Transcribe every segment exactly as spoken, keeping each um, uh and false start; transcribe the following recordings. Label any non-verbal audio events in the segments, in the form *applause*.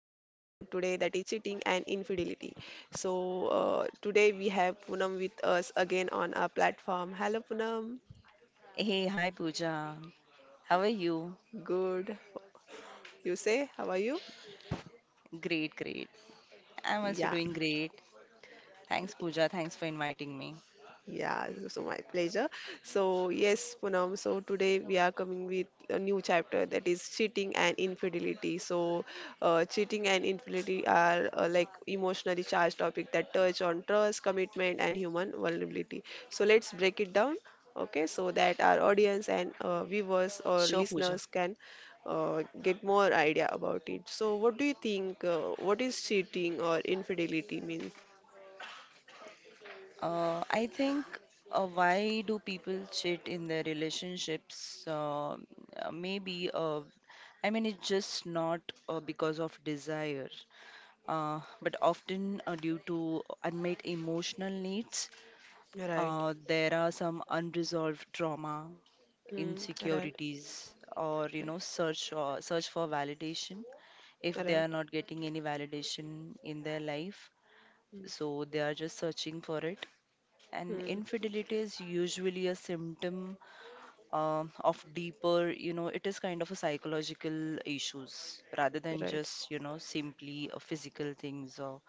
for today, that is cheating and infidelity. So, uh, today we have Poonam with us again on our platform. Hello, Poonam. Hey, hi Pooja. How are you? Good. You say, how are you? Great, great. I'm also Yeah. doing great. Thanks, Pooja. Thanks for inviting me. Yeah, so my pleasure. So yes, Poonam, so today we are coming with a new chapter that is cheating and infidelity. So uh, cheating and infidelity are uh, like emotionally charged topic that touch on trust, commitment and human vulnerability. So let's break it down, okay, so that our audience and uh, viewers or Sure, Pooja. listeners can uh, get more idea about it. So what do you think, uh, what is cheating or infidelity means? Uh, I think uh, why do people cheat in their relationships? Uh, uh, maybe, uh, I mean, it's just not uh, because of desire, uh, but often uh, due to unmet emotional needs. Right. Uh, there are some unresolved trauma, Mm, right. insecurities, or you Right. know search or search for validation if they are Right. not getting any validation in their life, Mm. so they are just searching for it. And Mm. infidelity is usually a symptom um, of deeper, you know, it is kind of a psychological issues rather than Right. just, you know, simply a physical things or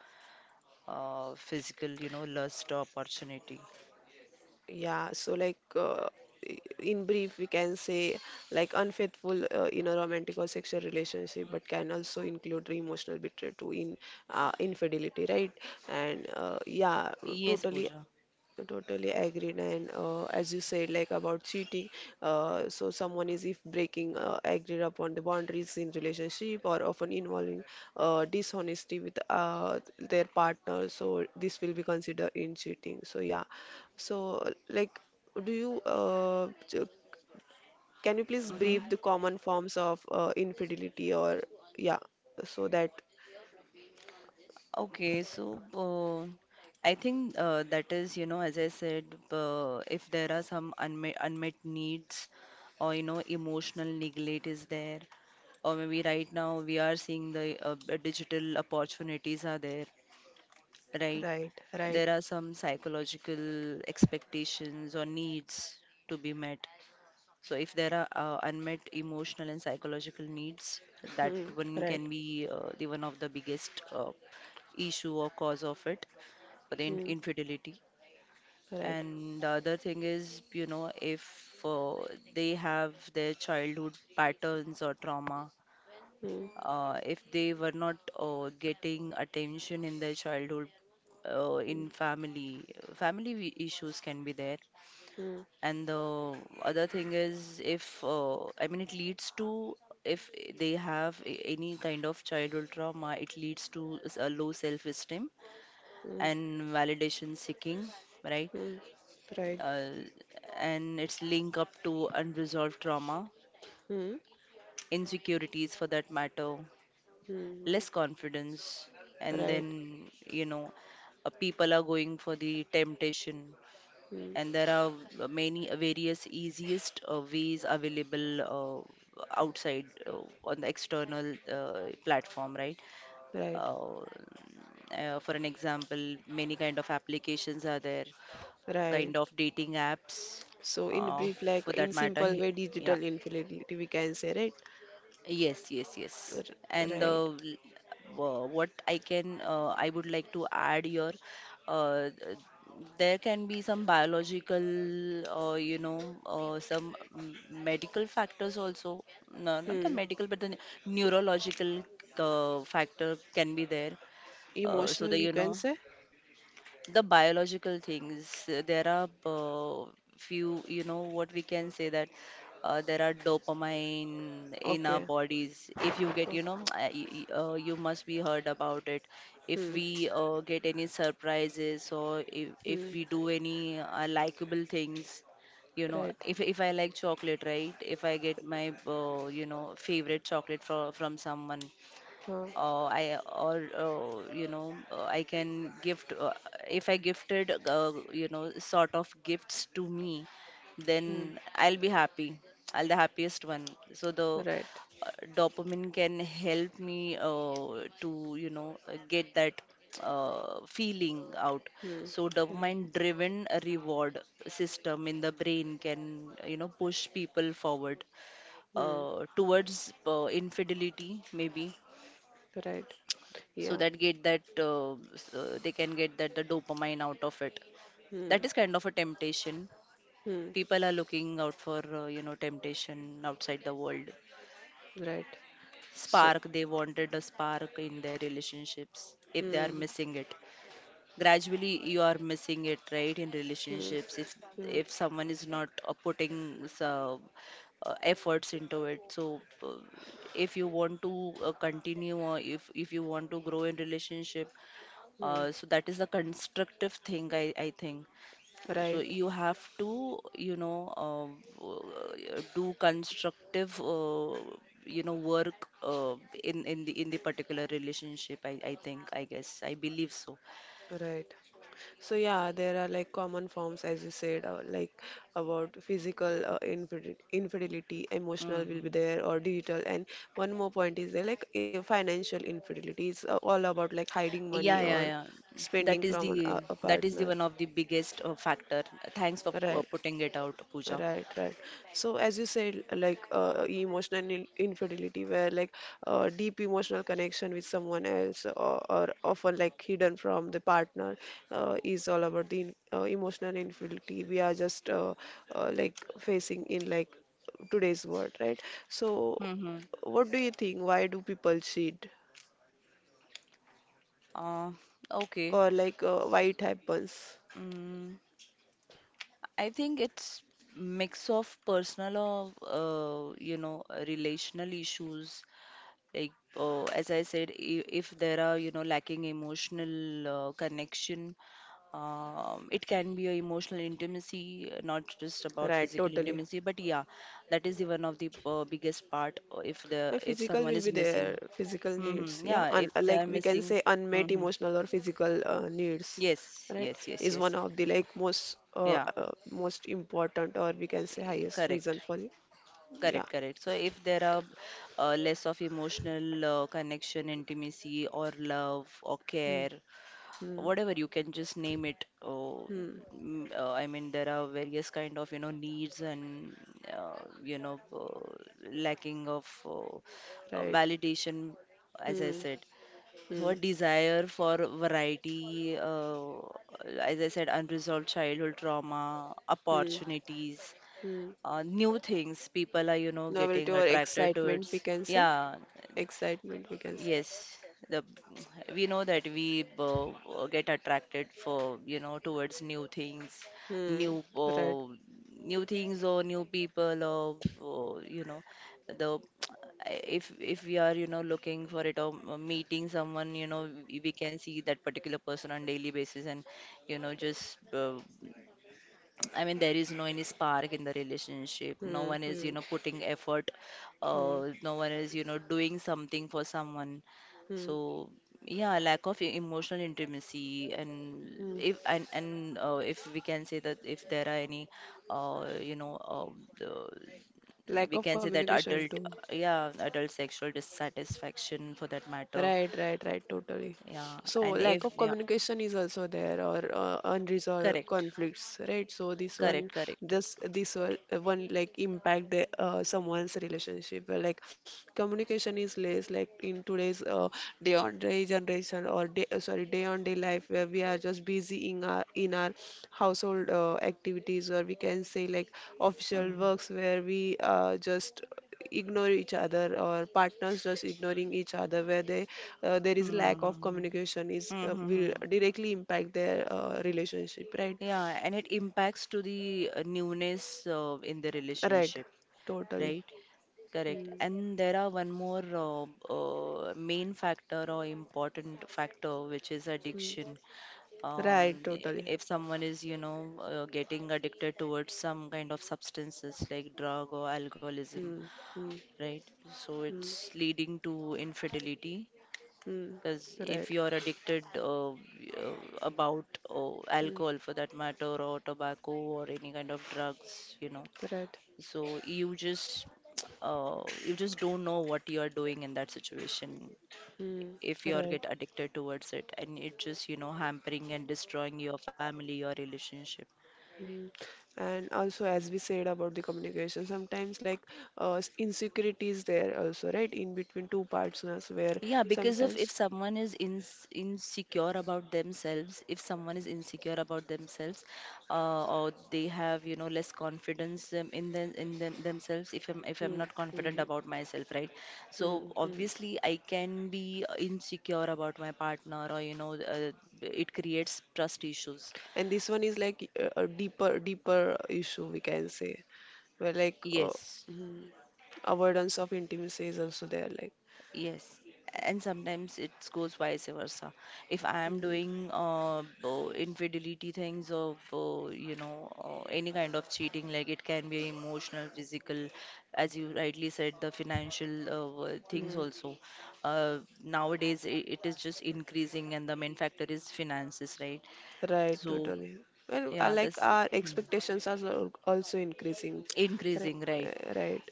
uh, physical, you know, lust or opportunity. Yeah, so like uh, i- in brief, we can say like unfaithful uh, in a romantic or sexual relationship, but can also include emotional betrayal too in uh, infidelity, right? And uh, yeah, Yes, totally Pooja. totally agreed, and uh, as you said, like about cheating, uh, so someone is if breaking uh, agreed upon the boundaries in relationship, or often involving uh, dishonesty with uh, their partner, so this will be considered in cheating. So yeah, so, like, do you, uh, j- can you please Mm-hmm. brief the common forms of uh, infidelity, or, yeah, so that, Okay, so uh, I think uh, that is, you know, as I said, uh, if there are some unmet unmet needs or you know emotional neglect is there, or maybe right now we are seeing the uh, b- digital opportunities are there, right? right, right, There are some psychological expectations or needs to be met. So if there are uh, unmet emotional and psychological needs, that hmm, one right, can be uh, the one of the biggest uh, issue or cause of it for the in hmm, infidelity. right, And the other thing is, you know, if uh, they have their childhood patterns or trauma, hmm, uh, if they were not uh, getting attention in their childhood, uh, hmm, in family, family we- issues can be there. hmm, And the other thing is, if uh, I mean, it leads to if they have a- any kind of childhood trauma, it leads to s- a low self-esteem hmm, and validation seeking, right? hmm, right, uh, and it's linked up to unresolved trauma, hmm, insecurities for that matter, less hmm, confidence, and right, then you know, uh, people are going for the temptation, hmm, and there are uh, many uh, various easiest uh, ways available uh, outside uh, on the external uh, platform, right? right, Uh, uh, for an example, many kind of applications are there, right. kind of dating apps, So, in uh, brief, like, for that in matter. simple he- way, Yeah. digital infidelity, we can say, right? Yes, yes, yes. R- And Right. uh, l- wha- what I can, uh, I would like to add here, uh, th- there can be some biological, uh, you know, uh, some m- medical factors also. No, not the Hmm. medical, but the n- neurological uh, factor can be there. Uh, so Emotional, the, you you can know, say? the biological things, uh, there are uh, few, you know, what we can say that uh, there are dopamine in our Okay. bodies. If you get, you know, Okay. *tsk* uh, y- y- uh, you must be heard about it. If Hmm. we uh, get any surprises, or if, Hmm. if we do any uh, likable things, you know, Right. if if I like chocolate, right? If I get my, uh, you know, favorite chocolate from from someone, Huh. uh, I, or uh, you know, uh, I can gift uh, if I gifted uh, you know, sort of gifts to me, Hmm. then I'll be happy. I'll the happiest one. So the Right. uh, dopamine can help me uh, to, you know, uh, get that uh, feeling out. Hmm. So Hmm. dopamine driven reward system in the brain can, you know, push people forward Hmm. uh, towards uh, infidelity maybe, Right. so Yeah. that get that uh, s- uh, they can get that the dopamine out of it. Hmm. That is kind of a temptation. Hmm. People are looking out for uh, you know, temptation outside the world. Right. So. Spark, they wanted a spark in their relationships if they are Hmm. missing it. Gradually you are missing it, right? In Hmm. relationships, if Hmm. if someone is not uh, putting some uh, uh, efforts into it, so uh, if you want to uh, continue, or if if you want to grow in relationship. Hmm. Uh, so that is a constructive thing, I, I think. So Right. you have to, you know, uh, uh, do constructive, uh, you know, work uh, in in the in the particular relationship. I, I think, I guess, I believe so. Right. So yeah, there are like common forms as you said, uh, like about physical uh, infidel infidelity, emotional will be Mm. there, or digital. And one more point is there, like uh, financial infidelity is uh, all about like hiding money Yeah, yeah, or yeah. That spending is from an, the a, a that is the partner. one of the biggest uh, factor. Thanks for uh, Right. putting it out, Pooja. Right, right. So as you said, like uh, emotional in- infidelity, where like uh, deep emotional connection with someone else, or, or often like hidden from the partner, uh, is all about the in- uh, emotional infidelity we are just uh, uh, like facing in like today's world, right? So Mm-hmm. what do you think? Why do people cheat, Uh, okay. or like uh, why it happens? Mm. I think it's mix of personal of uh, you know, relational issues. Like uh, as I said, i- if there are you know, lacking emotional uh, connection, um, it can be a emotional intimacy, uh, not just about Right, physical totally. intimacy, but yeah, that is the one of the uh, biggest part uh, if the Uh, if Physical someone will is be there, missing. physical needs, Hmm, yeah. yeah, Un if uh, they are Like we can missing. say unmet Hmm. emotional or physical uh, needs, Yes, right? yes, yes, Is one yes. of the like most uh, Yeah, uh, most important, or we can say eh, highest correct. reason for it. Yeah. Correct, correct. So if there are uh, less of emotional uh, connection, intimacy, or love, or Hmm. care, Hmm. whatever you can just name it. Uh, Hmm. mm, uh, I mean, there are various kind of, you know, needs and uh, you know, uh, lacking of uh, uh, Right. validation, as I Hmm. said. So a Hmm. desire for variety, uh, as I said, unresolved childhood trauma, Hmm. opportunities, Hmm. uh, new things people are, you know, Novelty getting or attracted excitement we towards, can say. yeah. Excitement we can say. Yes, the, we know that we uh, get attracted for, you know, towards new things. Hmm. new Right. uh, New things or new people, or, or you know, the if if we are, you know, looking for it, or m- meeting someone, you know, we we can see that particular person on daily basis, and you know, just uh, I mean, there is no any spark in the relationship. No Hmm. one is, you Hmm. know, putting effort. Hmm. Uh, no one is, you know, doing something for someone. Hmm. So yeah, lack of e- emotional intimacy, Hmm. and if and and uh, if we can say that if there are any, uh, you know, uh, the, Lack we of can say that communication adult, too. yeah, adult sexual dissatisfaction for that matter. Right, right, right, totally. Yeah, So, and lack if of yeah, communication is also there, or uh, unresolved correct, conflicts, right? So, this one, correct, correct. this this one, uh, one like impact the uh, someone's relationship. uh, Like, communication is less, like in today's uh, day on day generation, or day uh, sorry, day on day life, where we are just busy in our in our household uh, activities, or we can say like official works, Mm-hmm. where we uh, just ignore each other, or partners just ignoring each other, where they uh, there is lack of Mm-hmm. communication is uh, will Mm-hmm. directly impact their uh, relationship, right? Yeah, and it impacts to the uh, newness uh, in the Right, relationship, totally. right? Correct. Mm. And there are one more uh, uh, main factor or important factor, which is Mm. addiction. Um, Right, totally. if someone is, you know, uh, getting addicted towards some kind of substances like drug or alcoholism, Mm. Mm. right? So Mm. it's leading to infidelity, Mm. because if Right. you're addicted uh, y- uh, about uh, Mm. alcohol for that matter, or tobacco, or any kind of drugs, you know, Right. so you just uh, you just don't know what you are doing in that situation. Mm. If you are get Right. addicted towards it, and it just you know hampering and destroying your family, your relationship. Mm. And also, as we said about the communication, sometimes like uh, s- insecurity is there also, right, in between two partners, where Yeah, because of if sometimes someone is in, insecure about themselves, if someone is insecure about themselves, uh, or they have you know less confidence, um, in them in them themselves. If I'm if hmm, I'm not hmm, confident about myself, right? hmm, So hmm. obviously I can be insecure about my partner, or you know, uh, it creates trust issues. And this one is like uh, a deeper, deeper issue we can say, where like uh, Yes. hmm, avoidance of intimacy is also there. Like, Yes, and sometimes it goes vice versa. If I am hmm, doing uh, bo- infidelity things, or bo- you know, uh, any kind of cheating, like it can be emotional, physical, as you rightly said, the financial uh, wo- things hmm. also. Uh, Nowadays I it is just increasing, and the main factor is finances, right? Right, So totally. Well, I yeah, like that's our hmm, expectations are al- also increasing. Right, increasing, right? uh, right.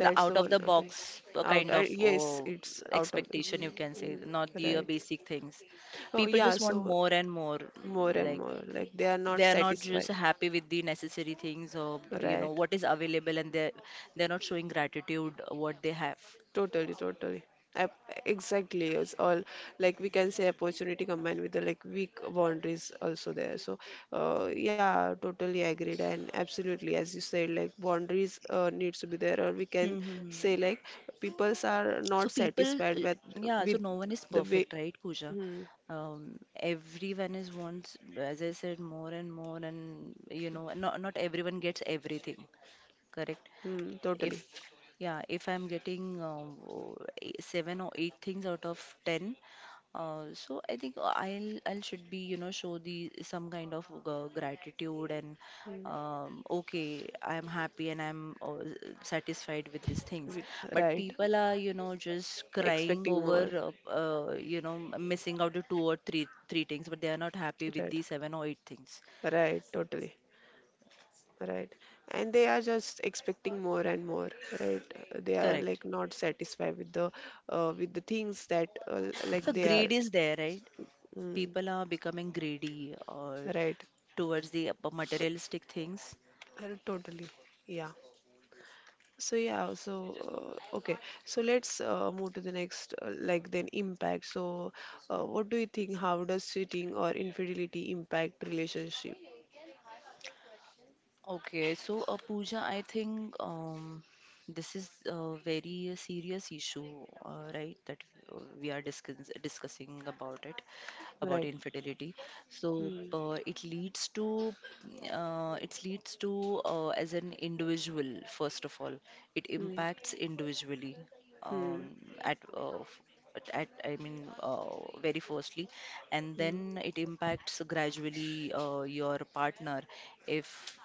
The the out of one. the Okay, box uh, out. kind Uh, of Yes, uh, it's out of. expectation Mhm, you can say, mhm. not the uh, Right. basic things. Oh People yeah. just want So more and more, more mm, and like more, like they are not they are not just satisfied. happy with the necessary things, or you know Right. what is available, and they they're not showing gratitude uh, what they have. Totally, totally. Ap- Exactly. It's all like we can say opportunity combined with the like weak boundaries also there. So, uh, yeah, totally agreed, and absolutely as you said, like boundaries uh, needs to be there, or we can say Mm-hmm. like peoples are So not people, satisfied uh, with yeah, so with no one is the way. perfect, right, Pooja? Hmm, Um, everyone is wants, as I said, more and more, and you know, not not everyone gets everything, correct? hmm, totally. If, Yeah, if I'm getting um, o- e- seven or eight things out of ten, uh, so I think I'll I'll should be, you know, show the some kind of uh, gratitude, and Hmm, um, okay, I'm happy and I'm uh, satisfied with these things. wi- But right. people are, you know, just crying Expecting over, more. uh, uh, you know, missing out the two or three three things, but they are not happy with Right. the seven or eight things. Right. Totally. Right, and they are just expecting more and more. Right. Uh, they are Correct. like not satisfied with the uh, with the things that uh, l- So like they are greed is there, right? mm, People are becoming greedy, or right. towards the uh, materialistic things. Uh, totally, yeah. So yeah, so uh, okay, so let's uh, move to the next uh, like then impact. So uh, what do you think, how does cheating or infidelity impact relationship? Okay, so uh, Pooja, I think um, this is a very uh, serious issue, uh, right? That uh, we are discuss discussing about it, about Right, infidelity. So hmm. uh, it leads to, uh, it leads to uh, as an individual, first of all, it Hmm. impacts individually Hmm. um, at uh, f- at, at I mean uh, very firstly, and Hmm. then it impacts gradually uh, your partner if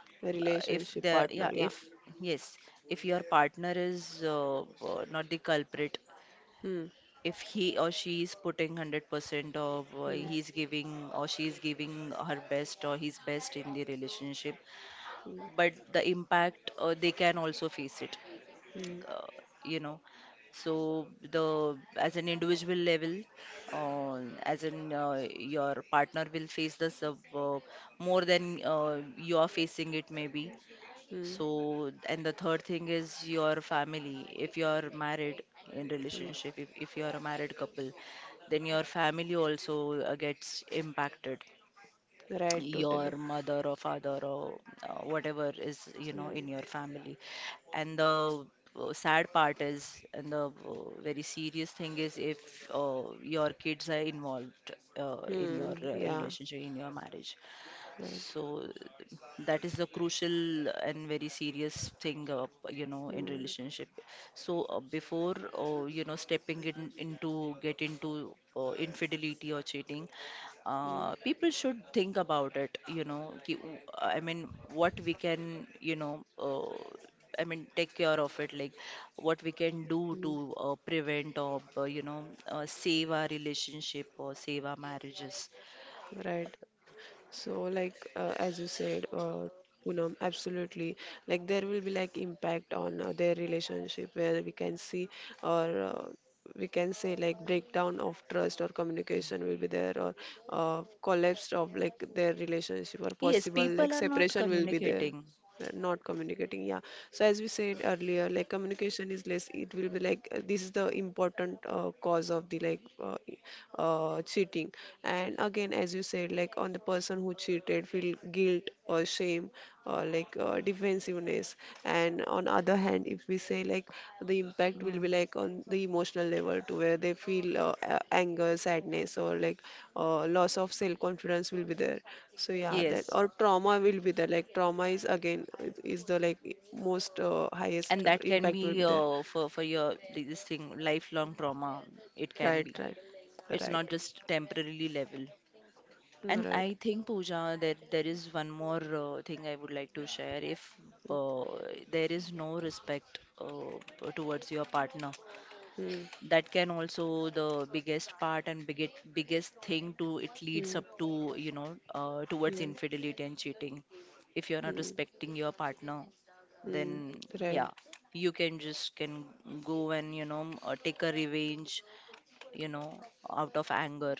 uh, if Relationship the yeah partner, yeah. if yes if your partner is uh, uh, not the culprit. Hmm. If he or she is putting one hundred percent of uh, Hmm. he's giving or she is giving her best or his best in the relationship, Hmm. but the impact uh, they can also face it Hmm. uh, you know so the, as an individual level, uh, as in uh, your partner will face this uh, uh, more than uh, you are facing it maybe. Hmm. So, and the third thing is your family. If you're married in Hmm. relationship, if, if you're a married couple, then your family also uh, gets impacted. Right, Your totally. mother or father or uh, whatever is, you Hmm. know, in your family. And the uh, sad part is, and the uh, very serious thing is, if uh, your kids are involved uh, in Hmm. your uh, Yeah. relationship, in your marriage. Right. So that is a crucial and very serious thing, uh, you know, in Hmm. relationship. So uh, before, uh, you know, stepping in into get into uh, infidelity or cheating, Hmm. uh, people should think about it. You know, ki, I mean, what we can, you know, uh, I mean, take care of it, like what we can Hmm. do to uh, prevent or uh, you know, uh, save our relationship or save our marriages. Right. So, like, uh, as you said, uh, Poonam, absolutely. Like, there will be like impact on uh, their relationship, where we can see or uh, we can say like breakdown of trust or communication will be there, or uh, collapse of like their relationship, or Yes, possible like people are not separation will be there. communicating. Not communicating, yeah, so as we said earlier, like communication is less, it will be like uh, this is the important uh, cause of the like uh, uh, cheating. And again, as you said, like on the person who cheated feel guilt or shame, or like uh, defensiveness. And on other hand, if we say like the impact will Mm, be like on the emotional level to, where they feel uh, a- anger, sadness, or like uh, loss of self confidence will be there. So yeah, that yes, or trauma will be there, like trauma is again is is the like most uh, highest and that can impact will be be there, uh, for for your, like this thing, lifelong trauma. It can right? be. Right, It's right, not just temporarily level. And right, I think Pooja, that there is one more uh, thing I would like to share. If uh, there is no respect uh, towards your partner, hmm. that can also the biggest part and biggest biggest thing to it leads Hmm. up to you know uh, towards Hmm. infidelity and cheating. If you're not Hmm. respecting your partner, Hmm. then Right, yeah, you can just can go and you know uh, take a revenge, you know, out of anger.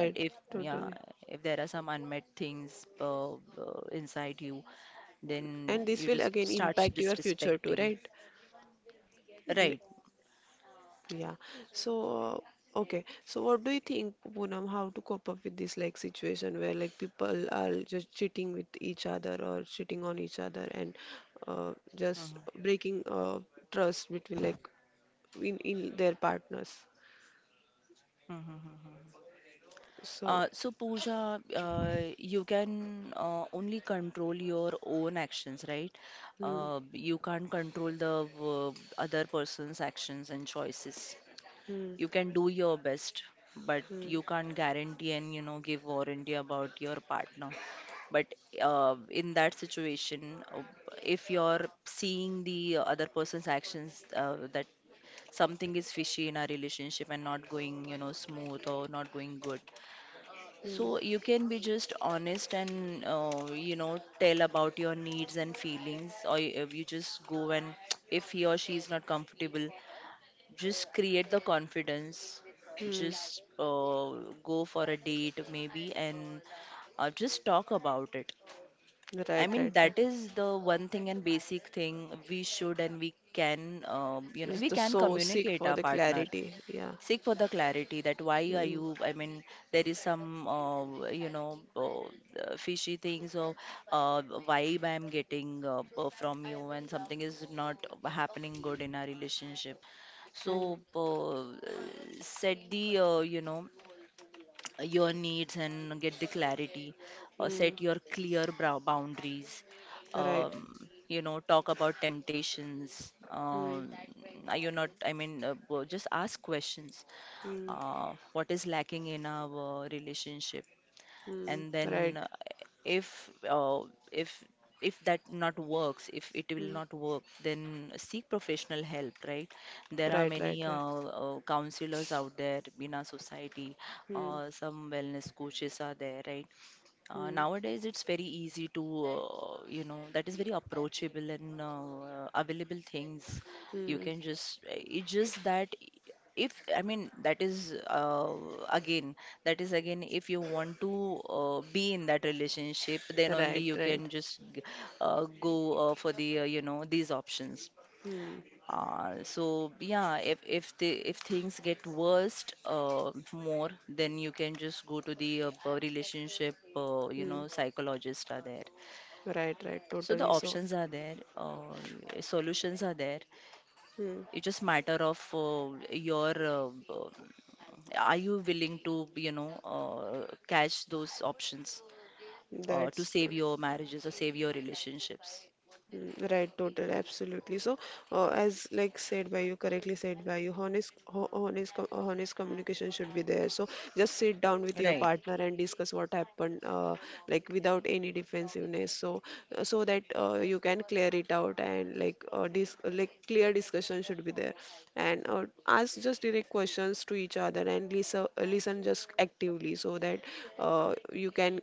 And if yeah totally. if there are some unmet things uh, uh, inside you, then And this you will just again starts impact your future too, disrespecting. right? Right. Yeah. So, uh, okay. So, what do you think, Poonam, how to cope up with this like situation where like people are just cheating with each other, or cheating on each other, and uh, just breaking uh, trust between like in in their partners. Hmm. So, Uh, so, Pooja, uh, you can uh, only control your own actions, right? hmm, Uh, you can't control the uh, other person's actions and choices. hmm, You can do your best, but hmm, you can't guarantee and you know give warranty about your partner. But uh, in that situation, uh, if you're seeing the other person's actions uh, that something is fishy in our relationship and not going, you know, smooth or not going good, so hmm, you can be just honest and uh, you know tell about your needs and feelings, or y- if you just go and *tsk* if he or she is not comfortable, just create the confidence. hmm. Just uh, go for a date maybe and uh, just talk about it. I Right, mean right, right. that is the one thing and basic thing we should and we can um, you know It's we the can so seek communicate for our the partner. clarity. Yeah. Seek for the clarity, that why are Hmm, you, I mean, there is some uh, you know uh, fishy things or uh, vibe I'm getting uh, uh, from you and something is not happening good in our relationship. hmm, So uh, set the uh, you know your needs and get the clarity. uh, hmm. Set your clear brow boundaries. Right. um, you know talk about temptations. Hmm, um, Are you not, I mean, uh, uh, just ask questions. hmm, uh, What is lacking in our relationship? hmm. And then Right. uh, if uh, if if that not works, if it will Hmm. not work, then seek professional help, right? There are Right, right, many uh, right. uh, counselors out there in our society. Hmm, uh, Some wellness coaches are there, right? uh, hmm, Nowadays, it's very easy to, uh, you know, that is very approachable and uh, available things. You hmm. can just, it's just that if, I mean, that is uh, again, that is again, if you want to uh, be in that relationship, then only Right, you right. can just g- uh, go uh, for the, uh, you know, these options. Hmm, Uh, so yeah, if if the if things get worst uh, more, then you can just go to the uh, uh, relationship uh, you hmm. know psychologists are there. Right, right. So the Totally so. options are there, uh, solutions are there. Hmm. It's just matter of uh, your uh, uh, are you willing to you know uh, catch those options uh, to That's save your marriages or save your relationships. mm, right, total, absolutely. So, uh, as like said by you, correctly said by you, honest, ho- honest, co- uh, honest communication should be there. So, just sit down with your Right. partner and discuss what happened, uh, like without any defensiveness. So, uh, so that uh, you can clear it out, and like uh, dis like clear discussion should be there, and uh, ask just direct questions to each other, and listen, listen just actively, so that uh, you can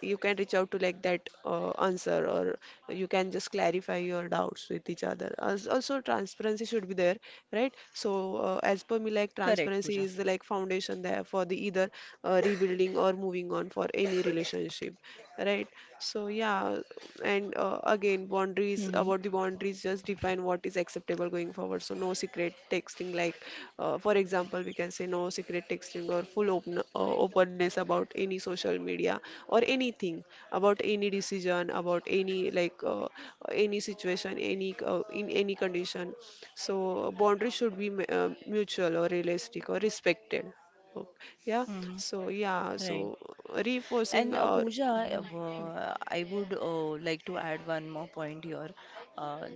you can reach out to like that uh, answer, or you can just clarify your doubts with each other. Als- also transparency should be there, right? So uh, as per me, like Correct, transparency Pooja. is the like foundation there for the either uh, rebuilding or moving on for any relationship, right? So yeah. And uh, again boundaries, Mm-hmm. about the boundaries, just define what is acceptable going forward. So no secret texting, like uh, for example, we can say no secret texting, or full open uh, openness about any social media, or anything about any decision, about any like uh, any situation, any uh, in any condition. So boundaries should be mu- uh, mutual or realistic or respected. Oh, yeah. Mm-hmm. So yeah. Right. So reinforcing And uh, or. Pooja, Hmm. uh, I would uh, like to add one more point here. Uh,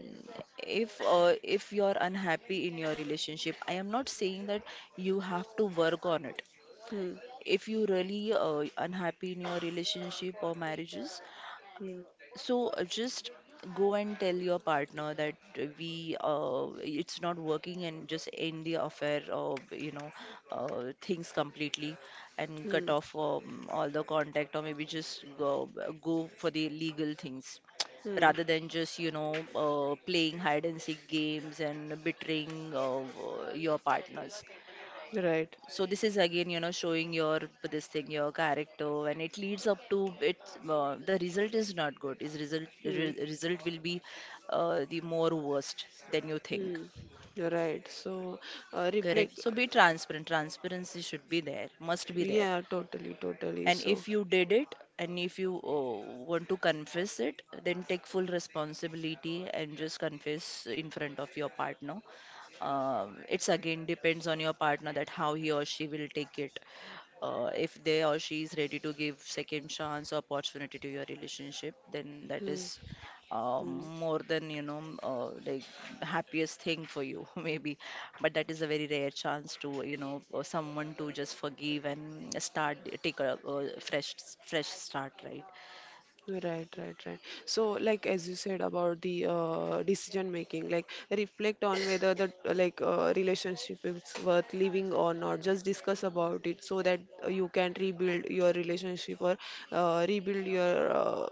if uh, if you're unhappy in your relationship, I am not saying that you have to work on it. Hmm. If you really uh, unhappy in your relationship or marriages, Hmm. so uh, just go and tell your partner that uh, we uh, it's not working and just end the affair or you know uh, things completely and cut Hmm. off um, all the contact or maybe just go, go for the legal things Hmm. rather than just you know uh, playing hide and seek games and betraying uh, your partners. Right. So this is again you know showing your this thing your character and it leads up to it. Uh, the result is not good, is result Hmm. re- result will be uh, the more worst than you think. Hmm, you're right. So, uh, Correct, reflect, so be transparent, transparency should be there, must be there. yeah, totally, totally. And So, if you did it and if you uh, want to confess it, then take full responsibility and just confess in front of your partner. Um, it's again depends on your partner that how he or she will take it. Uh, if they or she is ready to give second chance or opportunity to your relationship, then that hmm, is hmm. um, more than you know m- uh, like happiest thing for you *laughs* maybe. But that is a very rare chance to you know for someone to just forgive and start take a, a fresh fresh start, right? Right, right, right. So, like as you said about the uh, decision making, like reflect on whether the uh, like uh, relationship is worth living or not. Just discuss about it, so that uh, you can rebuild your relationship or uh, rebuild your uh,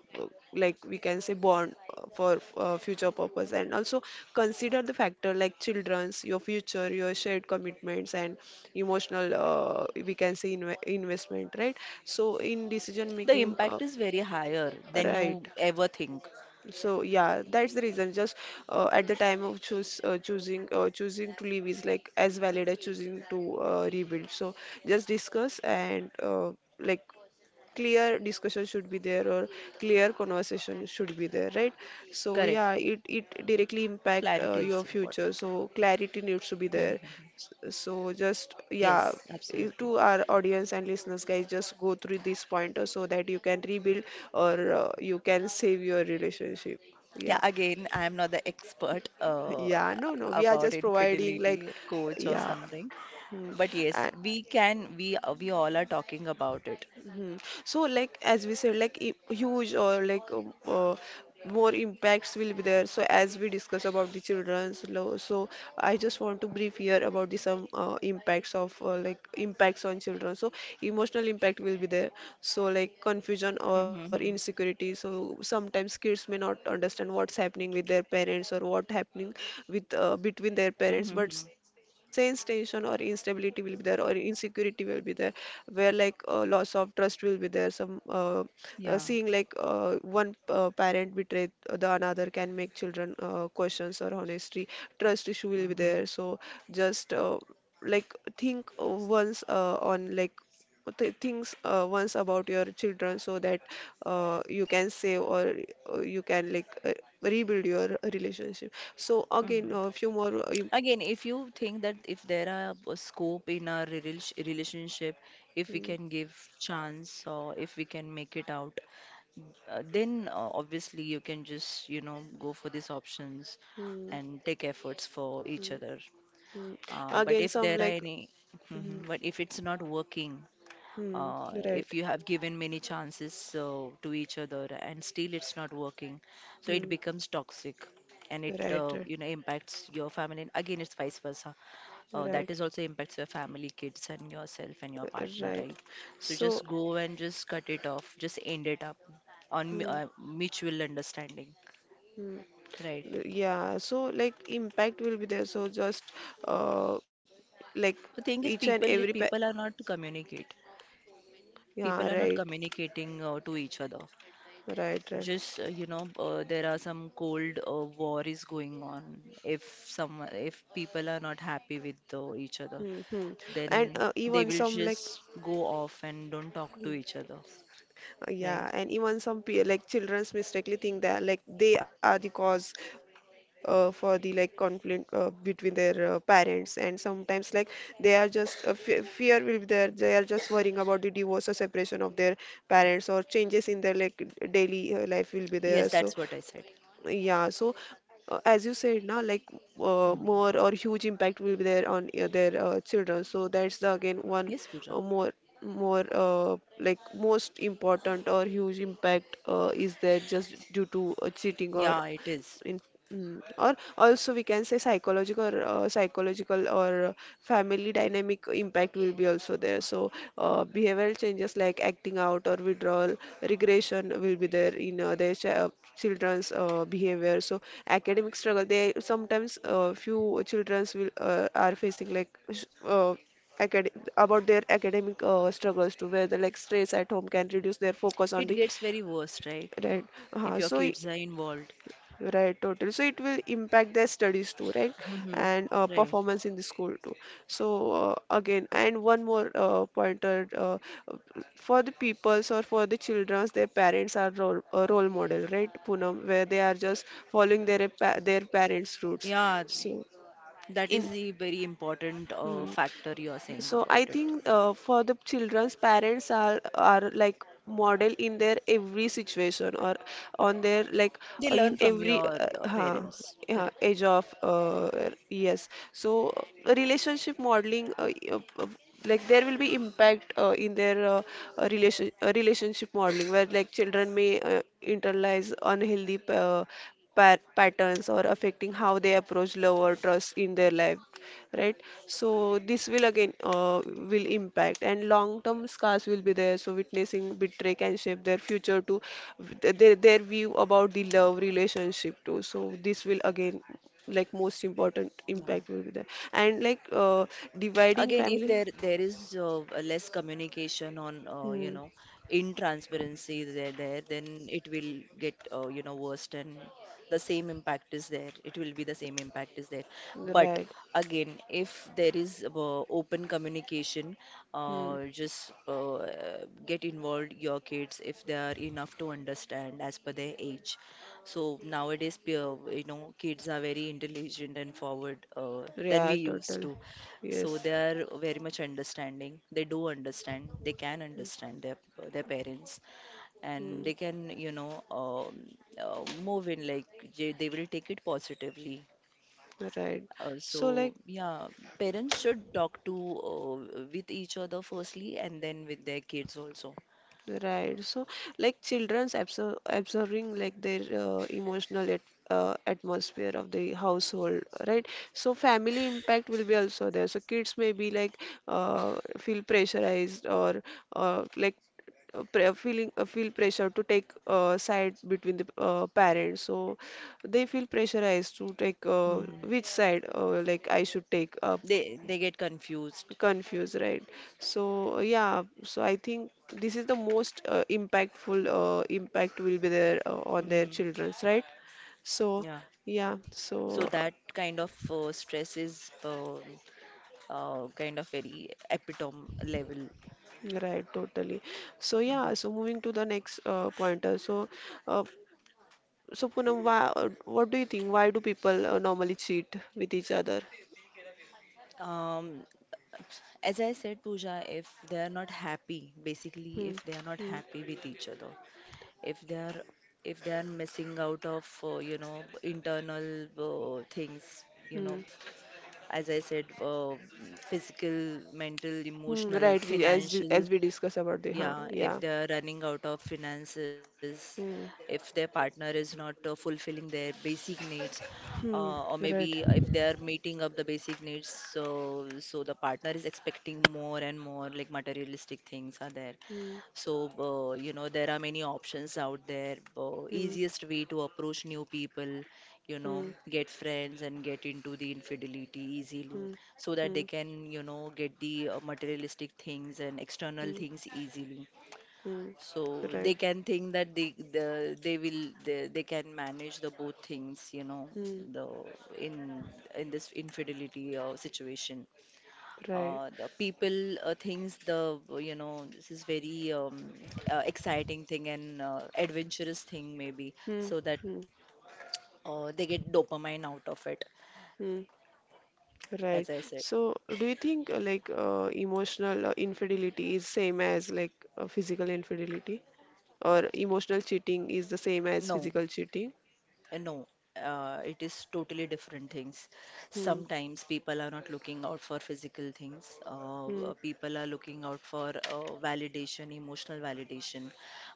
like we can say bond uh, for uh, future purpose. And also consider the factor like children's, your future, your shared commitments, and emotional uh, we can say inve investment, right? So in decision The making. Uh, impact is very higher than Right. you ever think. So yeah, that's the reason. Just uh, at the time of choose uh, choosing uh, choosing to leave is like as valid as choosing to uh, rebuild. So just discuss and uh, like clear discussion should be there, or clear conversation should be there, right? So Correct. yeah, it it directly impact uh, Clarity your is future, important. so clarity needs to be there. Mhm. S- so just yeah, Yes, i- to absolutely. our audience and listeners, guys, just go through this pointer, so that you can rebuild or uh, you can save your relationship. Yeah, Yeah. again, I am not the expert uh, Yeah, no no, we are about just providing like infidelity coach or yeah. something, Hmm. but yes, we can. We uh, we all are talking about it. Mhm. So, like as we said, like I- huge or like um, uh, more impacts will be there. So, as we discuss about the children's law, so I just want to brief here about the some uh, impacts of uh, like impacts on children. So, emotional impact will be there. So, so like confusion or Mm-hmm. insecurity, so sometimes kids may not understand what's happening with their parents or what happening with uh, between their parents, Mm-hmm. but sense tension or instability will be there, or insecurity will be there, where like uh, loss of trust will be there. Some uh, uh, seeing Yeah. like uh, One uh, parent betray uh, the another can make children uh, questions or honesty. Trust issue will be Mm-hmm. there. So just uh, like think uh, once uh, on like th things uh, once about your children, so that uh, you can save, or uh, you can like uh, rebuild your relationship. So Mm. again, a few more. Uh, im- Again, if you think that if there are a scope in our relation relationship, if we Mm, can give chance or if we can make it out, uh, then uh, obviously you can just, you know, go for these options mm, and take efforts for each mm, other. mm. Uh, but Again, if some there are like any, mm, mhm, but if it's not working, mm, uh, if right, you have given many chances so to each other and still it's not working, so it mm, becomes toxic and it right, uh, right, you know impacts your family. And again, it's vice versa. Uh, that right, is also impacts your family, kids, and yourself and your uh, partner, right. right? So just So. go and just cut it off. Just end it up on mu- Mm, uh, mutual understanding, mm. right? Yeah, so like impact will be there. So just uh, like The thing is, each and people every pa, people are not to communicate. People yeah, are not right, communicating uh, to each other. right, right. Just uh, you know, uh, there are some cold uh, war is going on. If some, if people are not happy with uh, each other, Mm-hmm. And then uh, they even will some like just go off and don't talk to each other, uh, right? yeah, and even some pe like childrens mistakenly think that like they are the cause uh, for the like conflict uh, between their uh, parents, and sometimes like they are just uh, fe fear will be there. They are just worrying about the divorce or separation of their parents or changes in their like daily uh, life will be there. Yes, So that's what I said. yeah, so uh, as you said now, like uh, Mm. more or huge impact will be there on uh, their uh, children. So that's the again one Yes, uh, Pooja. more more uh, like most important or huge impact uh, is there just due to uh, cheating or Yeah, it is. in mm, or also we can say psychological or uh, psychological or uh, family dynamic impact will be also there. So uh, behavioral changes like acting out or withdrawal regression will be there in uh, their chi- uh, children's uh, behavior. So academic struggle, they sometimes uh, few children's will uh, are facing like sh- uh, acad- about their academic uh, struggles too, where the like stress at home can reduce their focus on It the, gets very worse, right? right. If Uh, your so kids are involved. Right, totally. So it will impact their studies too, right? Hmm. And uh, Right. performance in the school too. So uh, again, and one more uh, pointer uh, for the peoples or for the childrens, their parents are role, a role model, right, Poonam, where they are just following their pa their parents' roots. Yeah, So that in, is the very important uh, hmm, factor you are saying so about I it. think uh, for the children's, parents are are like model in their every situation or on their like They uh, learn in from every your uh, uh, huh, parents. yeah, Correct. age of uh, yes. So relationship modeling uh, uh, like there will be impact uh, in their uh, uh, relation uh, relationship modeling, where like children may uh, internalize unhealthy uh, pa- patterns or affecting how they approach love or trust in their life, right. So this will again uh, will impact, and long term scars will be there. So witnessing betray can shape their future to their, their view about the love relationship too. So this will again like most important Yeah. impact will be there and like uh, dividing Again if family. there there is uh, a less communication on uh, you Hmm. know in transparency there there then it will get uh, you know worse and the same impact is there, it will be the same impact is there. But Right. again if there is uh, open communication, Hmm. uh, just uh, get involved your kids if they are enough to understand as per their age. So nowadays peer- you know kids are very intelligent and forward uh, than Yeah, we used totally. to, so Yes. they are very much understanding. They do understand. They can understand their their parents, and Hmm. they can, you know, um, uh, move in like they, they will take it positively. Right. Uh, So, so like, yeah, parents should talk to uh, with each other firstly, and then with their kids also. right. So, like children's absor absorbing like their uh, emotional at uh, atmosphere of the household, right? So, family impact will be also there. So, kids may be like uh, feel pressurized, or uh, like uh, pre- feeling uh, feel pressure to take uh, side between the uh, parents. So, they feel pressurized to take uh, Hmm. which side uh, like I should take. Uh, They they get confused. Confused, right. So yeah, so I think this is the most uh, impactful uh, impact will be there uh, on their Hmm. children's, right. So Yeah. yeah, so So that kind of uh, stress is uh, uh, kind of very epitome level. uh, right, totally. So yeah, so moving to the next uh, pointer. So uh, so Poonam, why, uh, what do you think, why do people uh, normally cheat with each other? Um, As I said, Pooja, if they are not happy, basically, Hmm. if they are not Hmm. happy with each other, if they are if they are missing out of uh, you know internal uh, things, you know, Hmm. as I said, uh, physical, mental, Hmm. emotional, Right, we as di- financial. as we discuss about the huh, Yeah, if yeah, they're running out of finances, hmm. if their partner is not uh, fulfilling their basic needs, uh, Hmm. or maybe Right. if they're meeting up the basic needs, so so the partner is expecting more and more, like materialistic things are there. Hmm. So, uh, you know, there are many options out there. Uh, Hmm. Easiest way to approach new people, you know, Hmm. get friends and get into the infidelity easily Hmm. so that they Hmm. can, you know, get the uh, materialistic things and external Hmm. things easily. Hmm. So they Right. can think that they the, they will they, they can manage the both things, you know, Hmm. the in in this infidelity uh, situation. Right. Uh, the people uh, thinks the you know this is very um, uh, exciting thing and uh, adventurous thing maybe, Hmm. so that Hmm. uh, they get dopamine out of it, Hmm. Right. as I said. So, do you think uh, like uh, emotional uh, infidelity is same as like uh, physical infidelity, or emotional cheating is the same as No, physical cheating? uh, no, uh, it is totally different things. Hmm. Sometimes people are not looking out for physical things. Uh, Hmm. Uh, people are looking out for uh, validation, emotional validation,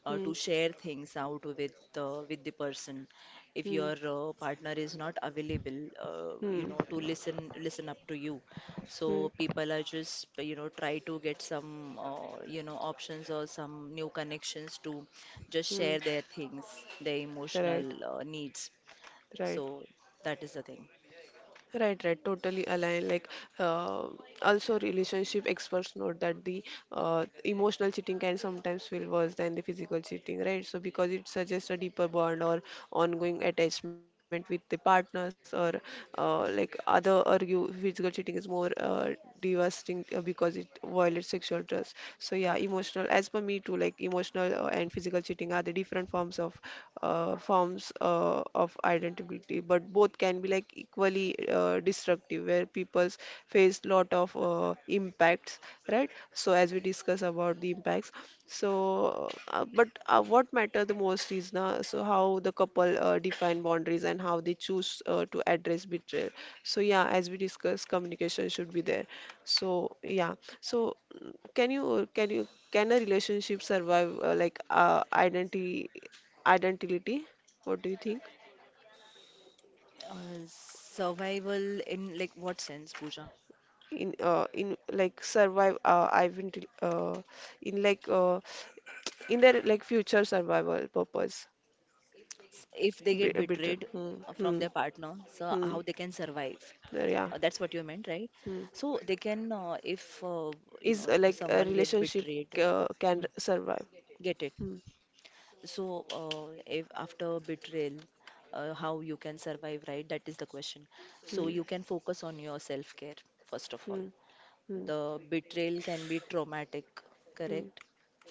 uh, Hmm. to share things out with uh, with the person. If Hmm. your uh, partner is not available, uh, you Hmm. know, to listen listen up to you. So Hmm. people are just you know try to get some uh, you know options or some new connections to just Hmm. share their things, their emotional Right. uh, needs. Right. So that is the thing. Right, right, totally aligned. Like, uh, also relationship experts note that the uh, emotional cheating can sometimes feel worse than the physical cheating, right? So because it suggests a deeper bond or ongoing attachment with the partners, or uh, like other argue physical cheating is more uh, devastating uh, because it violates sexual trust. So yeah, emotional. As per me too, like emotional uh, and physical cheating are the different forms of uh, forms uh, of identity, but both can be like equally uh, destructive, where people face lot of uh, impacts, right. So as we discuss about the impacts, so uh, but uh, what matter the most is now, so how the couple uh, define boundaries and how they choose uh, to address betrayal. So yeah, as we discuss, communication should be there. So yeah, so mm, can you can you can a relationship survive uh, like uh, identity, identity, what do you think? Uh, Survival in like what sense, Pooja? In uh, in like survive uh, identity, uh, in like uh, in their like future survival purpose. S- If they get betrayed Bi- a bit uh, from hmm, their hmm, partner, so how they can hmm, survive? Uh, uh, That's yeah, what you meant, right? hmm. So they can, uh, if uh, you know Is uh, someone like a get relationship betrayed, uh, can survive, get it. hmm, So uh, if after betrayal, uh, how you can survive, right? That is the question. So hmm, you can focus on your self-care first of all. hmm, hmm, The betrayal can be traumatic, hmm, correct?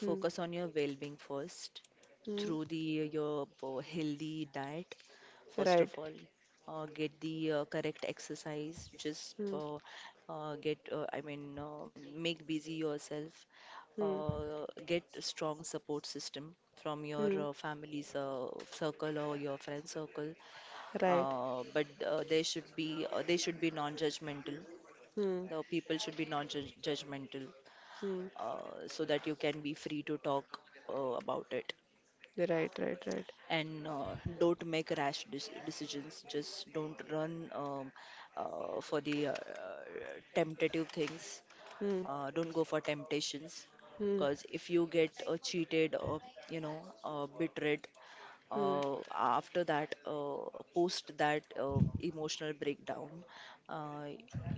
hmm, on your well-being first hmm. through the uh, your uh, healthy diet. First of Right, all, uh, get the uh, correct exercise. Just hmm, uh, uh, get, uh, I mean, uh, make busy yourself. hmm, Uh, get a strong support system from your hmm, uh, family's uh, circle or your friend circle. right, Uh, but uh, they should be uh, They should be non-judgmental. hmm, The people should be non-judgmental, hmm. uh, so that you can be free to talk uh, about it, Right, right, right, and uh, don't make rash dec- decisions. Just don't run um, uh, for the uh, temptative things. hmm, uh, Don't go for temptations, hmm, because if you get uh, cheated or you know uh, betrayed, hmm, uh, after that uh, post that uh, emotional breakdown, uh,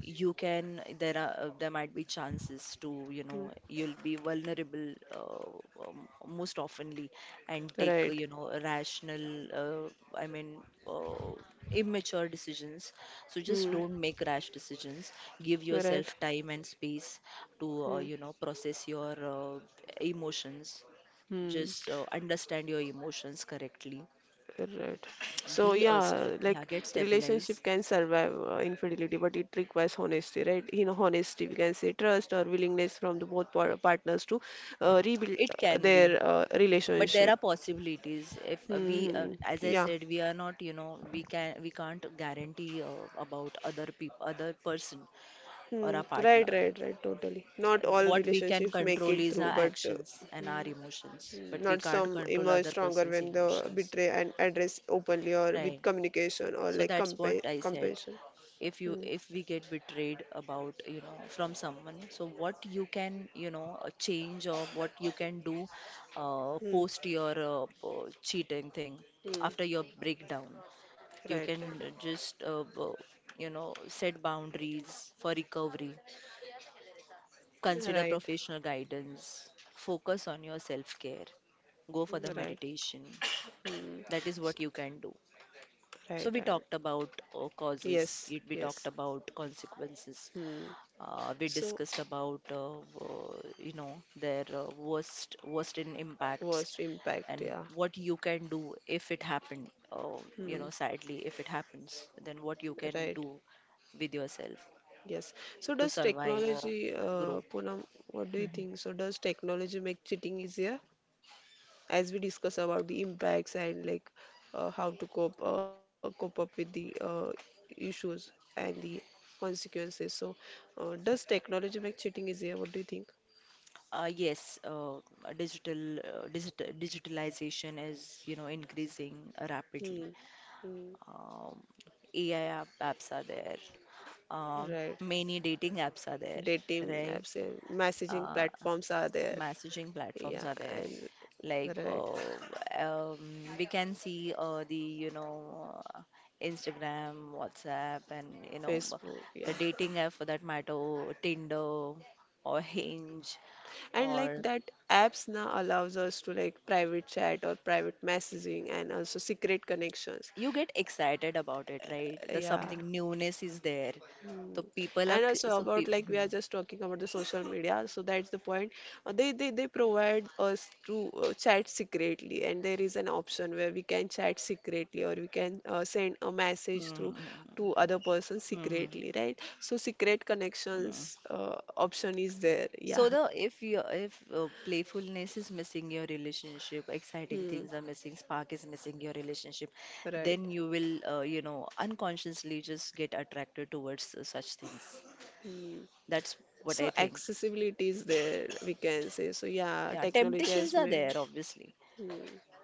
you can there are uh, there might be chances to you know hmm. you'll be vulnerable, uh, um, most oftenly, and take you Right. know rational, uh, i mean uh, immature decisions. So just Hmm. don't make rash decisions. Give yourself Right. time and space to uh, you Hmm. know process your uh, emotions. Hmm. Just uh, understand your emotions correctly. Right. be So a st- yeah, Yeah, like get stabilized. relationship can survive uh, infidelity, but it requires honesty, right? You know, honesty, we can say trust or willingness from the both par partners to uh, rebuild It uh, can be, their uh, but there are relationship. possibilities if uh, we uh, Hmm. as I Yeah. said, we are not you know we can we can't guarantee uh, about other people, other person Hmm. or our Right. partner. Right. Right. Totally. Not all What we can relationships make control it is through, our but uh, actions and our emotions, but we not can't some control emerge other stronger person's when the emotions. betray and address openly or Right, with communication or so like that's what compa I said. compassion. If you if we get betrayed about you know from someone, so what you can you know uh, change or what you can do uh, Hmm. post your uh, uh, cheating thing, Hmm. after your breakdown. You Right, can right, just uh, uh, you know set boundaries for recovery, consider right, professional guidance, focus on your self care, go for the right. meditation. Hmm. That is S- what you can do. right, So we right. talked about uh, causes, Yes, we talked yes. about consequences. Hmm. Uh, we So, discussed about uh, uh, you know their uh, worst worst in impacts, worst impact, and yeah. what you can do if it happened. Uh, you Hmm. Know, sadly, if it happens, then what you can Right. do with yourself Yes. So, to does survive or technology, uh, grow. Poonam, what do you Mhm. think? So, does technology make cheating easier? As we discuss about the impacts and like uh, how to cope uh, cope up with the uh, issues and the consequences. So, uh, does technology make cheating easier? What do you think? Uh, yes, uh, digital, uh, digital digitalization is you know increasing rapidly. Hmm. Hmm. Um, A I app, apps are there. Um, Right. many dating apps are there, Dating right? apps and messaging Uh, platforms are there. Messaging platforms Yeah, are there, and like right. uh, um, we can see uh, the you know uh, Instagram, WhatsApp, and you know b- Facebook, yeah. the dating app for that matter, Tinder or Hinge, And like or that apps now allows us to like private chat or private messaging and also secret connections. you get excited about it, right? There's Yeah. something newness is there, Mm. so people are And c- also so about people. like we *laughs* are just talking about the social media, so that's the point. Uh, They they they provide us to uh, chat secretly, and there is an option where we can chat secretly or we can uh, send a message through Hmm. Hmm. to other person Hmm. Hmm. secretly, right? So secret Hmm, hmm, hmm. connections uh, option is there. Yeah. So the if you if uh, playfulness is missing your relationship, exciting Hmm. things are missing, spark is missing your relationship, Right. then you will uh, you know unconsciously just get attracted towards uh, such things. Hmm. That's what I So think. accessibility is there, we can say. So yeah, Yeah, technology temptations has are there made. obviously. Hmm.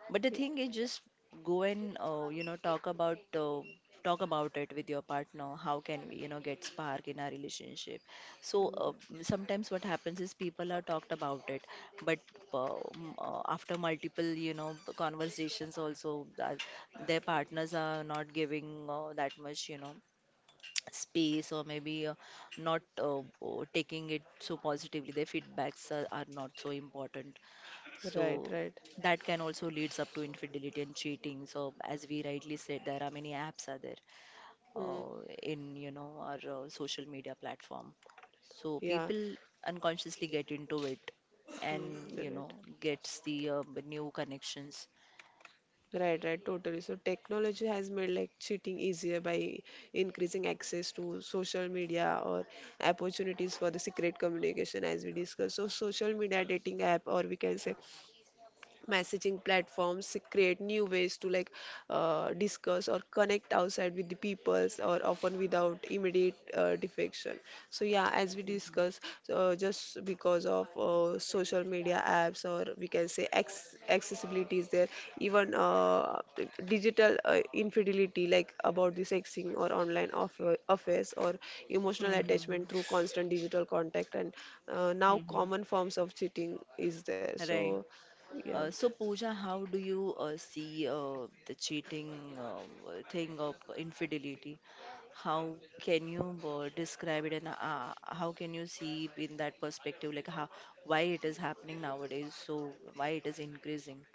But the Yeah. thing is, just go and uh, you know talk about uh, talk about it with your partner. How can we you know get spark in our relationship? So Hmm. uh, sometimes what happens is people are talked about it, but uh, m- uh, after multiple you know conversations also that their partners are not giving uh, that much you know space, or maybe uh, not uh, uh, taking it so positively. Their feedbacks are, are not so important. Right. So Right. that can also leads up to infidelity and cheating. So as we rightly said, there are many apps are there Hmm. uh, in you know our uh, social media platform. So Yeah. people unconsciously get into it and Mm, you know right. gets the uh, new connections. Right, right, totally. So technology has made like cheating easier by increasing access to social media or opportunities for the secret communication, as we discussed. So social media dating app, or we can say messaging platforms, create new ways to like uh, discuss or connect outside with the peoples or often without immediate uh, defection. So yeah, as we Mhm. discuss, so uh, just because of uh, social media apps, or we can say acc- accessibility is there, even uh, d- digital uh, infidelity like about the sexing or online off- affairs or emotional Mhm. attachment through constant digital contact, and uh, now Mhm. common forms of cheating is there. Right. So yeah. Uh, so, Pooja, how do you uh, see uh, the cheating uh, thing of infidelity? How can you uh, describe it, and uh, how can you see in that perspective, like how, why it is happening nowadays? So why it is increasing?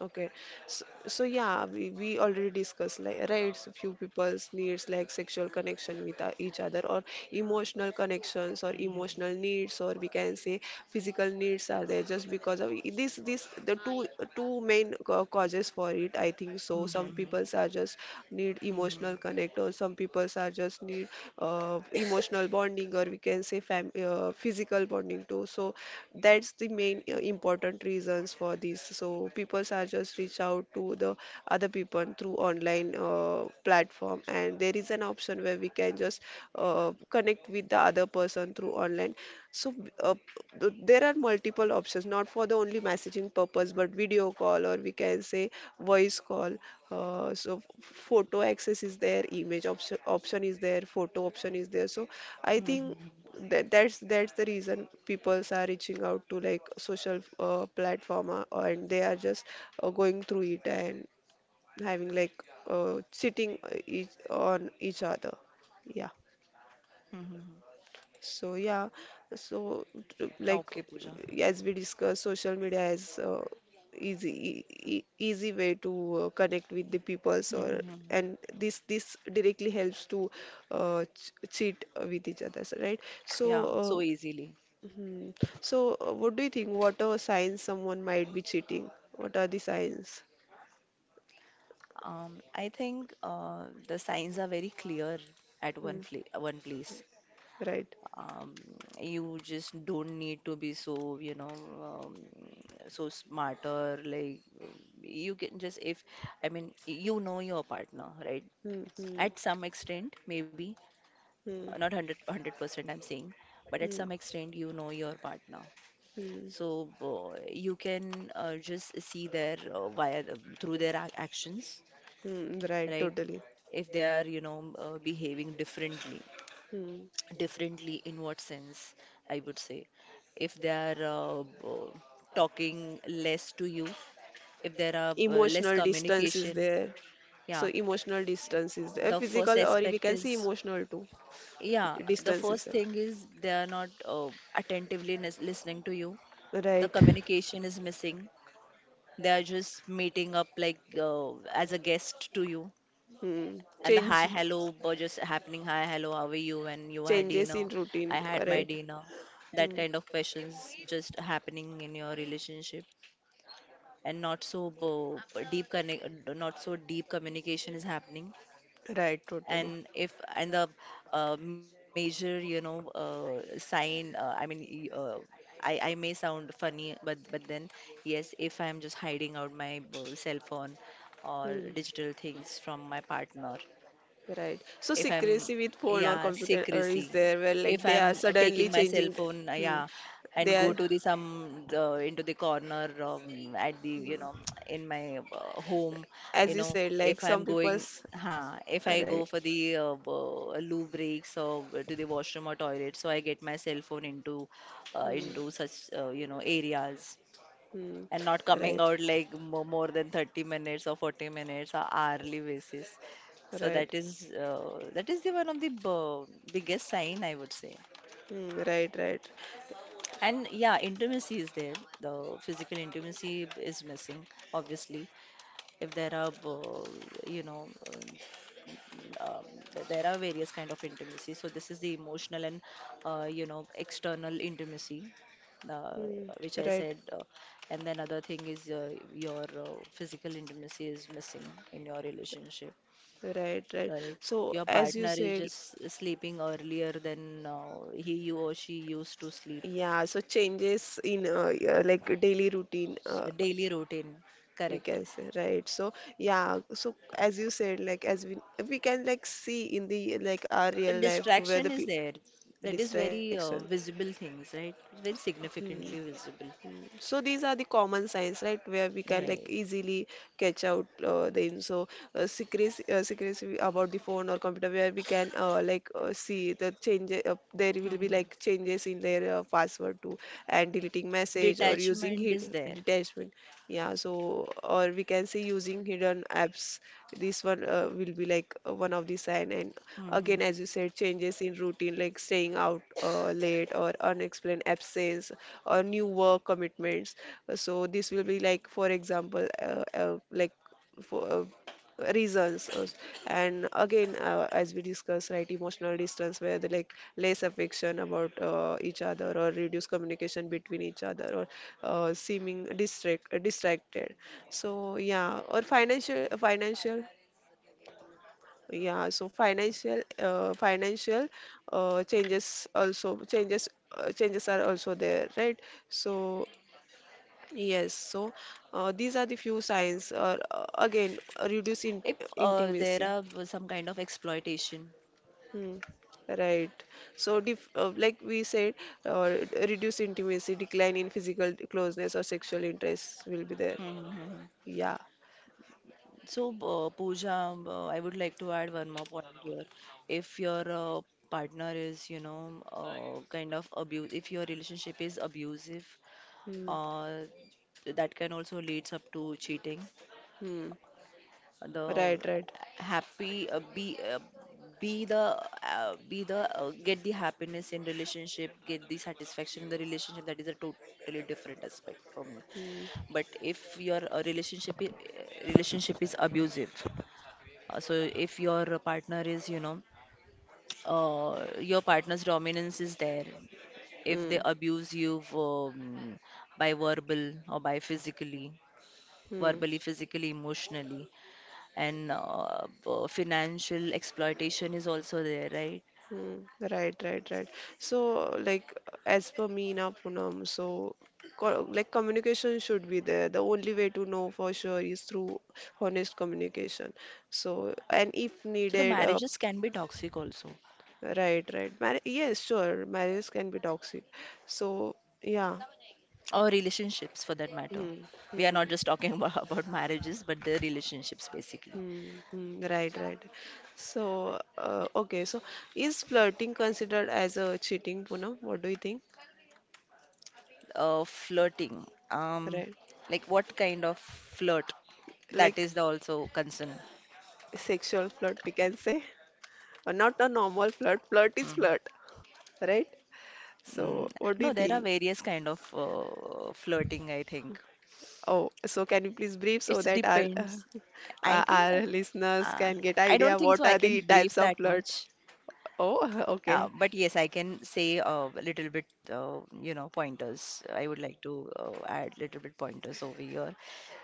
Okay. So, so yeah, we, we already discussed like rights, few people's needs like sexual connection with uh, each other or emotional connections or emotional needs, or we can say physical needs are there just because of this this the two, two main ca- causes for it, I think so. Hmm. Some people's are just need emotional Hmm. connect, or some people's are just need uh, emotional bonding, or we can say fam uh, physical bonding too. So that's that's the main uh, important reasons for this. So people are just reach out to the other people through online uh, platform, and there is an option where we can just uh, connect with the other person through online. So uh, th- there are multiple options, not for the only messaging purpose, but video call, or we can say voice call. Uh, so f- photo access is there, image option option is there, photo option is there. So I think Mm-hmm. that that's that's the reason peoples are reaching out to like social uh, platform, uh, and they are just uh, going through it and having like, uh, sitting uh, each on each other, yeah. Mm-hmm. So yeah, so t- like Okay, Pooja. as we discussed, social media is uh, easy, e- e- easy way to uh, connect with the peoples or, Mm-hmm. and this this directly helps to uh, ch- cheat with each other, so, right, so, Yeah. uh, So easily. mhm. So, uh, what do you think? What are signs someone might be cheating? What are the signs? Um, I think uh, the signs are very clear at one Hmm. fla one place. Right. Um, you just don't need to be so, you know, um, so smarter. Like um, you can just if I mean you know your partner, right? Hmm. Hmm. At some extent, maybe uh, Hmm. not a hundred I'm saying, but at Hmm. some extent you know your partner. Hmm. So uh, you can uh, just see their uh, via the- through their ac- actions, Hmm. Right. right? Totally. If they are, you know, uh, behaving differently. Hmm. Differently in what sense, I would say, if they are uh, b- talking less to you, if there are uh, less Emotional distance is communication. there. So, Yeah, emotional distance is there. the first Physical, or we aspect can say is, emotional too. yeah, the Distance is first there. thing is they are not uh, attentively lis- listening to you, the Right. communication is missing. They are just meeting up like uh, as a guest to you. Hmm. And the hi Change. hello were just happening. Hi hello, how are you? And you had Changes dinner. in routine. I had my Right. dinner. That Hmm. kind of questions just happening in your relationship, and not so bo- deep connect, not so deep communication is happening. Right. Totally. And if and the uh, major, you know, uh, sign. Uh, I mean, y- uh, I I may sound funny, but but then yes, if I'm just hiding out my uh, cell phone or Hmm. digital things from my partner, Right. So if I'm, secrecy with phone or yeah, computer or is secrecy. there where If like they are I'm uh, suddenly taking my cell changing. th- phone, uh, Hmm. yeah, They and go are, to the some the, into the corner um, at the you know hmm, *tsk* in my uh, home, as you you know, said, like if some I'm going. people's. Huh, if I go Right. for the uh, uh, loo breaks or to the washroom or toilet, so I get my cell phone into uh, Hmm. into such uh, you know areas, Hmm. and not coming Right. out like mo- more than thirty minutes or forty minutes or hourly basis. So Right. that is uh, that is the one of the b- biggest sign, I would say. Hmm. Right. Right. And yeah, intimacy is there. The physical intimacy is missing, obviously, if there are uh, you know um, um, th- there are various kind of intimacy. So this is the emotional and uh, you know external intimacy, uh, Hmm. which I Right. said, uh, and then other thing is uh, your uh, physical intimacy is missing in your relationship, Right. Right. correct. So Your as you partner is said, just sleeping earlier than uh, he you or she used to sleep. yeah. So changes in, uh, yeah, like daily routine. Uh, So daily routine, We correct. can say, right, so yeah, so as you said, like as we we can like see in the like our So real life where the distraction is people. there. That is very Distraction. uh, visible things, right? Very Hmm. significantly visible. Hmm. So these are the common signs, right, where we can like Right. easily catch out uh, them. So, uh, secrecy, uh, secrecy about the phone or computer, where we can, uh, like, uh, see the changes. Uh, there will be Hmm. like changes in their uh, password too, and deleting message or using Detachment is hid there. detachment. Yeah, so, or we can say using hidden apps. This one uh, will be like uh, one of the sign. And Hmm. again, as you said, changes in routine like staying out uh, late or unexplained absence or new work commitments. So this will be like, for example, uh, uh, like, for uh, reasons also. And again uh, as we discuss, right, emotional distance where they like less affection about uh, each other, or reduce communication between each other, or uh, seeming distract uh, distracted. So yeah, or financial financial, yeah, so financial uh, financial uh, changes, also changes uh, changes are also there, right, so, yes, so, uh, these are the few signs, or uh, again reduce in If uh, there intimacy. are uh, some kind of exploitation. Hmm. Right. So, dif uh, like we said, uh, reduce intimacy, decline in physical closeness or sexual interest will be there. Hmm. Yeah. So, uh, Pooja, uh, I would like to add one more point here. If your uh, partner is, you know, uh, kind of abuse, if your relationship is abusive, Hmm. uh, that can also leads up to cheating. Hmm. The Right, right. happy uh, be uh, be the uh, be the uh, get the happiness in relationship, get the satisfaction in the relationship, that is a totally different aspect for me. Hmm. But if your uh, relationship i- uh, relationship is abusive, uh, so if your partner is you know, uh, your partner's dominance is there, if Hmm. they abuse you, um, by verbal or by physically, Hmm. verbally, physically, emotionally, and uh, uh, financial exploitation is also there, right? Hmm. Right, right, right. So, like, as per me now, Poonam, so, co like, communication should be there. The only way to know for sure is through honest communication. So, and if So the needed, uh, marriages can be toxic also, right, right. Mar Yes, sure. Marriages can be toxic. So, yeah. or relationships for that matter. Hmm, We are hmm, not just talking about, *laughs* about marriages, but the relationships basically. hmm, hmm. Right, right. So, uh, okay. So, is flirting considered as a cheating, Poonam? What do you think? Uh, flirting, um, Right. like what kind of flirt? That Like is the also concern. sexual flirt, we can say. *laughs* But not a normal flirt. Flirt is Mm, flirt, right? mm. So, what do No, you there are think? various kind of uh, flirting, I think. Oh, so can you please brief It so that our uh, depends. *laughs* I uh, think our uh, listeners uh, can get I idea don't think so what I are can the brief types of that flirt? much. Oh, *laughs* Uh, okay. But yes, I can say uh, a little bit, uh, you know, pointers. I would like to uh, add little bit pointers over here.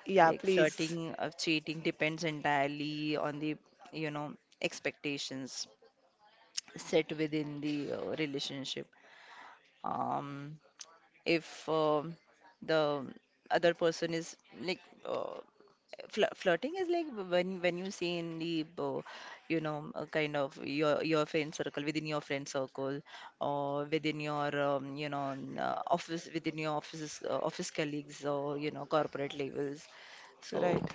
Yeah, Like please. flirting or cheating depends entirely on the, you know, expectations set within the uh, relationship. Um, if um the other person is like uh, fl flirting is like when when you see in the uh, you know uh, kind of your your friend circle within your friend circle or within your um, you know um, uh, office within your offices uh, office colleagues or you know corporate levels, Right. so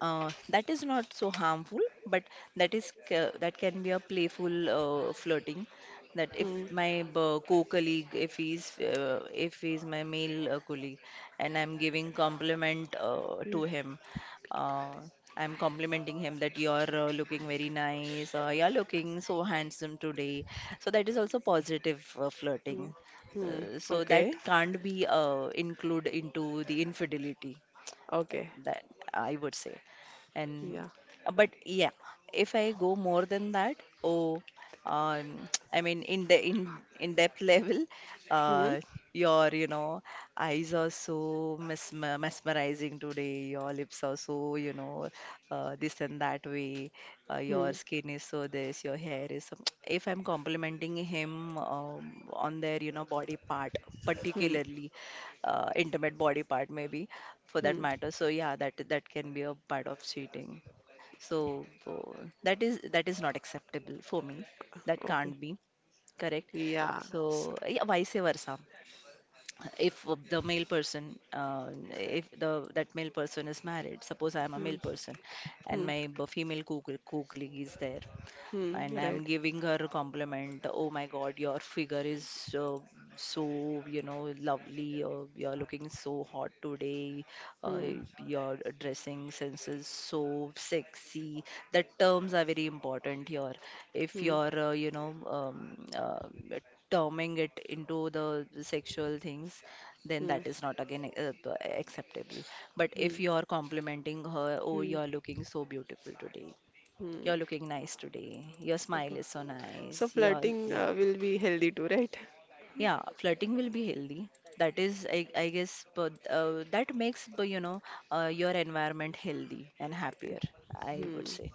uh, that is not so harmful, but that is ca- that can be a playful uh, flirting. That if Hmm. my b- co-colleague, if he's uh, if he's my male uh, colleague, and I'm giving compliment uh, Hmm. to him, uh, I'm complimenting him that you're uh, looking very nice, or you're looking so handsome today. So that is also positive uh, Hmm. flirting. Hmm. Uh, so that Okay. can't be uh, include into the infidelity, Okay. that I would say. And Yeah. but yeah, if I go more than that, oh, um, *tsk* I mean in the in in depth *laughs* level, Hmm. uh, your you know eyes are so mesmer mesmerizing today. Your lips are so, you know uh, this and that way. Uh, Hmm. your skin is so this. Your hair is so. *tsk* If I'm complimenting him um, on their, you know, body part, Hmm. particularly uh, intimate body part maybe, for that Hmm. matter. So yeah, that that can be a part of cheating. So uh, that is that is not acceptable for me, that Okay. can't be correct. Yeah. So, So yeah, vice versa, if the male person uh, if the that male person is married. Suppose I am a hmm. male person and Hmm. my b- female co- co- colleague is there, Hmm. and I'm Right. giving her a compliment. Oh my God, your figure is uh, so, you know, lovely. Uh, you're looking so hot today. Uh, Hmm. your dressing sense is so sexy. The terms are very important here. If Hmm. you're, uh, you know, um, uh, terming it into the sexual things, then Hmm. that is not again uh, acceptable. But Hmm. if you're complimenting her, oh, Hmm. you're looking so beautiful today, Hmm. you're looking nice today. Your smile Okay. is so So nice. Your, flirting yeah. uh, will be healthy too, right? Yeah, flirting will be healthy. That is, I, I guess, but uh, that makes, but, you know, uh, your environment healthy and happier, I Hmm. would say.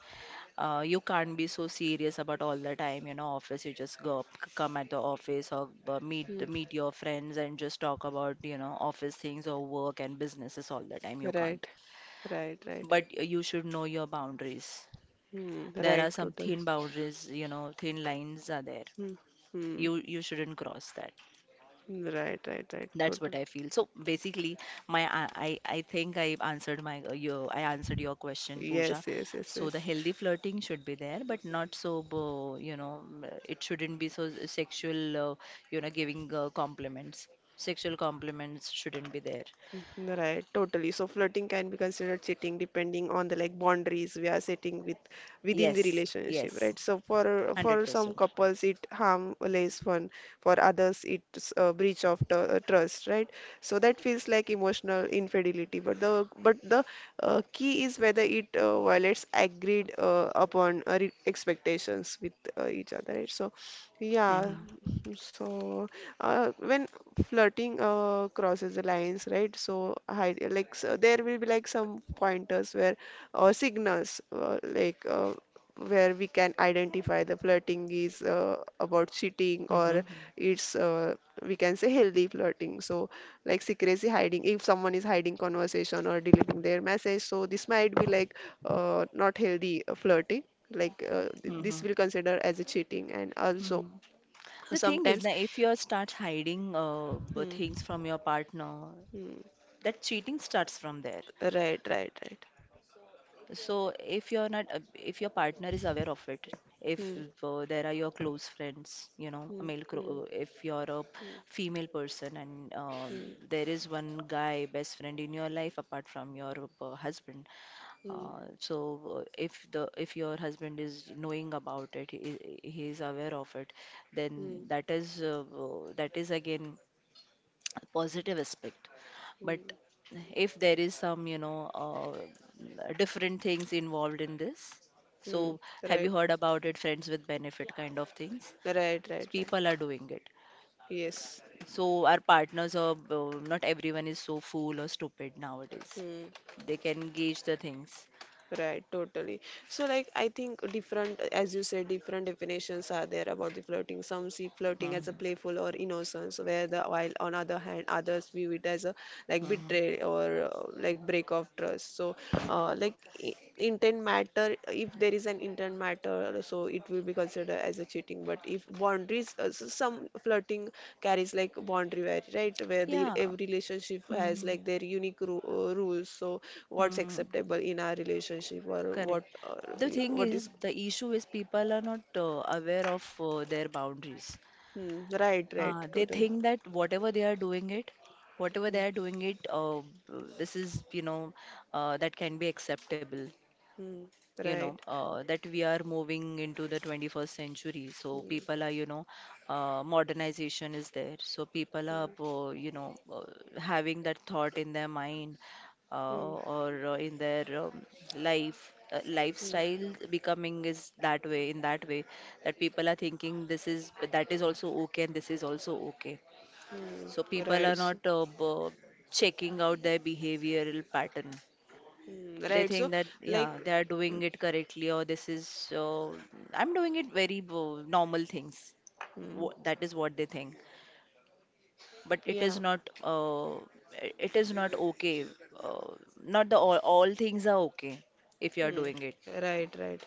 uh, You can't be so serious about all the time. You know, office, you just go up, c- come at the office or uh, meet Hmm. meet your friends and just talk about, you know, office things or work and businesses all the time. You Right. can't, Right. Right. but you should know your boundaries. Hmm. There Right. are some Total. thin boundaries, you know, thin lines are there. Hmm. Hmm. You you shouldn't cross that. Right. Right. Right. That's Total. what I feel. So basically, my I I I think I answered my uh, your I answered your question, Pooja. Yes, yes, yes, So the yes. healthy flirting should be there, but not so, uh, you know mm, it shouldn't be so s- sexual. Uh, you know, giving uh, compliments. Sexual compliments shouldn't be there. Mm, right, totally. So flirting can be considered cheating depending on the like boundaries we are setting with within the Yes, relationship, yes, right? So for for some one hundred percent. couples it harm less fun, for others it's a breach of tr uh, trust, right? So that feels like emotional infidelity, but the but the uh, key is whether it uh, violates agreed uh, upon uh, re expectations with uh, each other, right? So yeah, Mm-hmm. so uh, when flirting uh, crosses the lines, right? So, hi, like so there will be like some pointers where, or signals, uh, like, uh, where we can identify the flirting is uh, about cheating, Mm-hmm. or it's uh, we can say healthy flirting. So, like secrecy hiding, if someone is hiding conversation or deleting their message, so this might be like uh, not healthy uh, flirting. Like uh, th- Mm-hmm. this will consider as a cheating, and also Mm-hmm. The thing is sometimes. that if you start hiding uh, b- Hmm. things from your partner, Hmm. that cheating starts from there. Right, right, right. So if you're not, a- if your partner is aware of it, if Hmm, uh, there are your close friends, you hmm, know, a male, hmm, cro- uh, if you're a hmm, female person and uh, hmm, there is one guy, best friend in your life apart from your uh, husband, uh, hmm, so uh, if the if your husband is knowing about it, he, he is aware of it, then hmm, that is uh, uh, that is again a positive aspect. But hmm, if there is some, you know, uh, different things involved in this, hmm. so have you Right, heard about it, friends with benefit kind of things? right, right, People right. are doing it. Yes. So our partners are, uh, not everyone is so fool or stupid nowadays. Hmm. They can gauge the things. Right, totally. So, like, I think different, as you said, different definitions are there about the flirting. Some see flirting as a Mhm. playful or innocence, where the while on other hand, others view it as a like Mhm. betray, or uh, like break of trust. So, uh, like, intent matter, if there is an intent matter, so it will be considered as a cheating, but if boundaries, uh, so some flirting carries like boundary where, right, where the Yeah. every relationship has Hmm. like their unique ru- uh, rules, so what's Hmm. acceptable in our relationship, or what Correct. uh, The thing what is, is, the issue is people are not uh, aware of uh, their boundaries. hmm, right, right, Uh, they totally, think that whatever they are doing it, whatever hmm, they are doing it, uh, this is, you know, uh, that can be acceptable. hmm, You know, right, uh, that we are moving into the twenty-first century, so people hmm, are, you know, uh, modernization is there, so people are, uh, you know uh, having that thought in their mind, hmm, uh, or uh, in their um, life uh, hmm, lifestyle becoming is that way in that way, that people are thinking this is that is also okay and this is also okay. hmm, So people are right, not, so, uh, b- checking out their behavioral pattern. hmm, They right, so think that, like, yeah, they are doing it correctly, or this is, uh, I'm doing it very uh, normal things. hmm, Wh- That is what they think. But it yeah. is not, uh, i- it is not okay. Uh, not the all, all things are okay if you are Hmm. doing it. Right, right.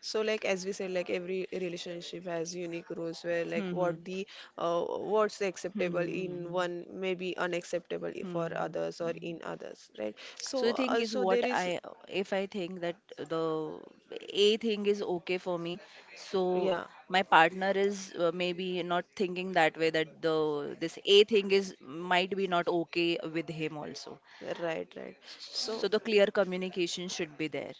So, like as we said, like every relationship has unique rules where like what Hmm. the uh, what's Hmm. acceptable in Hmm. one may be unacceptable i- for Hmm. others, or in others, right? So So the thing is also what there is, I, if I think that the A thing is okay for me, so yeah, my partner is uh, maybe not thinking that way, that the this A thing is might be not okay with him also. right, right. So So the clear communication should be there.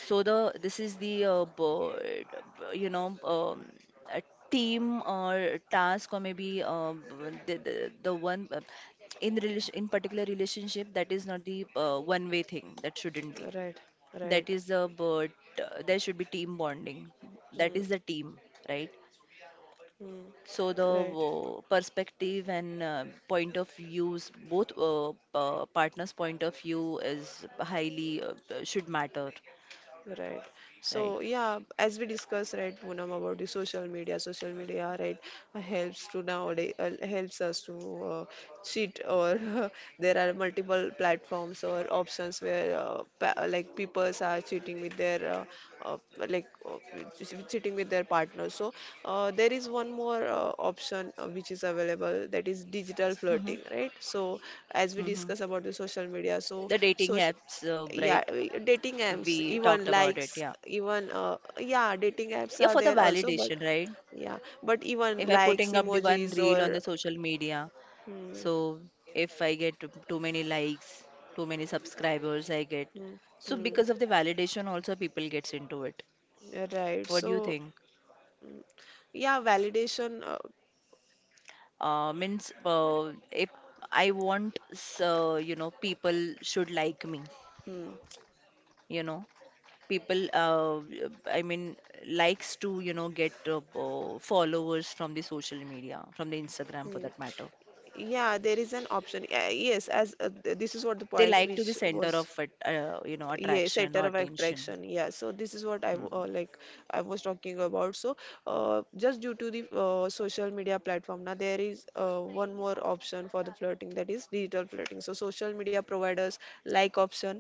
So the this is the, uh, b- you know, um, a team or task, or maybe, uh, b- the, the the one, uh, in relation, in particular relationship, that is not the, uh, one way thing, that shouldn't be. right, That right. is the, but uh, there should be team bonding. That Hmm, is the team, right? hmm, So the right. uh, perspective and uh, point of views, both uh, uh, partners' point of view is highly uh, uh, should matter, Right. right? So yeah, as we discussed, right, Poonam, about the social media, social media, right, uh, helps to, nowadays, uh, helps us to uh, cheat, or *laughs* there are multiple platforms or options where uh, pa like people are cheating with their uh, uh, like uh, che- cheating with their partner. So uh, there is one more uh, option uh, which is available, that is digital Hmm. flirting, right? So as we Hmm. discuss about the social media, so The dating so apps, uh, right, yeah, uh, dating we apps, talked even about it, likes, yeah, even uh, yeah, dating apps yeah, are for the there also, but validation, right? yeah, but If even I likes, putting up the one emojis, reel on or, the social media. hmm, So if I get too too many likes, too many subscribers, I get. hmm, So hmm, because of the validation, also people gets into it. right, What do so, you think? mm, yeah, validation, uh, Uh, means uh, if I want, so, you know, people should like me. hmm, You know, people. Uh, I mean, likes to, you know, get uh, uh, followers from the social media, from the hmm. Instagram for that matter. Yeah, there is an option, uh, yes, as uh, th- this is what the They point like which to be center was, of at- uh, you know, yeah, attraction center or of attention. attraction, yeah, so this is what i w- uh, Hmm. like I was talking about. So uh, just due to the uh, social media platform, now there is uh, one more option for the flirting, that is digital flirting. So social media providers like option,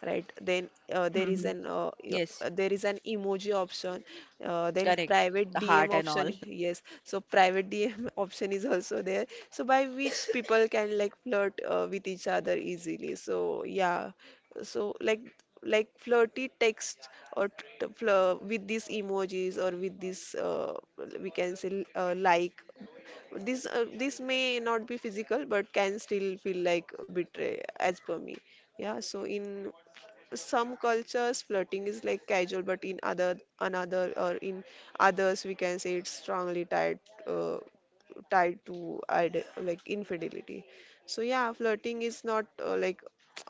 right, then uh, there is Mhm. an uh, yo- Yes. uh, there is an emoji option, uh, then Correct. private The D M heart and all. option, *laughs* yes, so private D M *laughs* option is also there, so by which people can like flirt uh, with each other easily, so yeah, so like, like flirty text, or t- t- flir- with these emojis, or with this, uh, we can say, uh, like this uh, this may not be physical but can still feel like betray, as per me. Yeah, so in some cultures flirting is like casual, but in other another, or in others we can say it's strongly tied uh, tied to ide- like infidelity. So yeah, flirting is not uh, like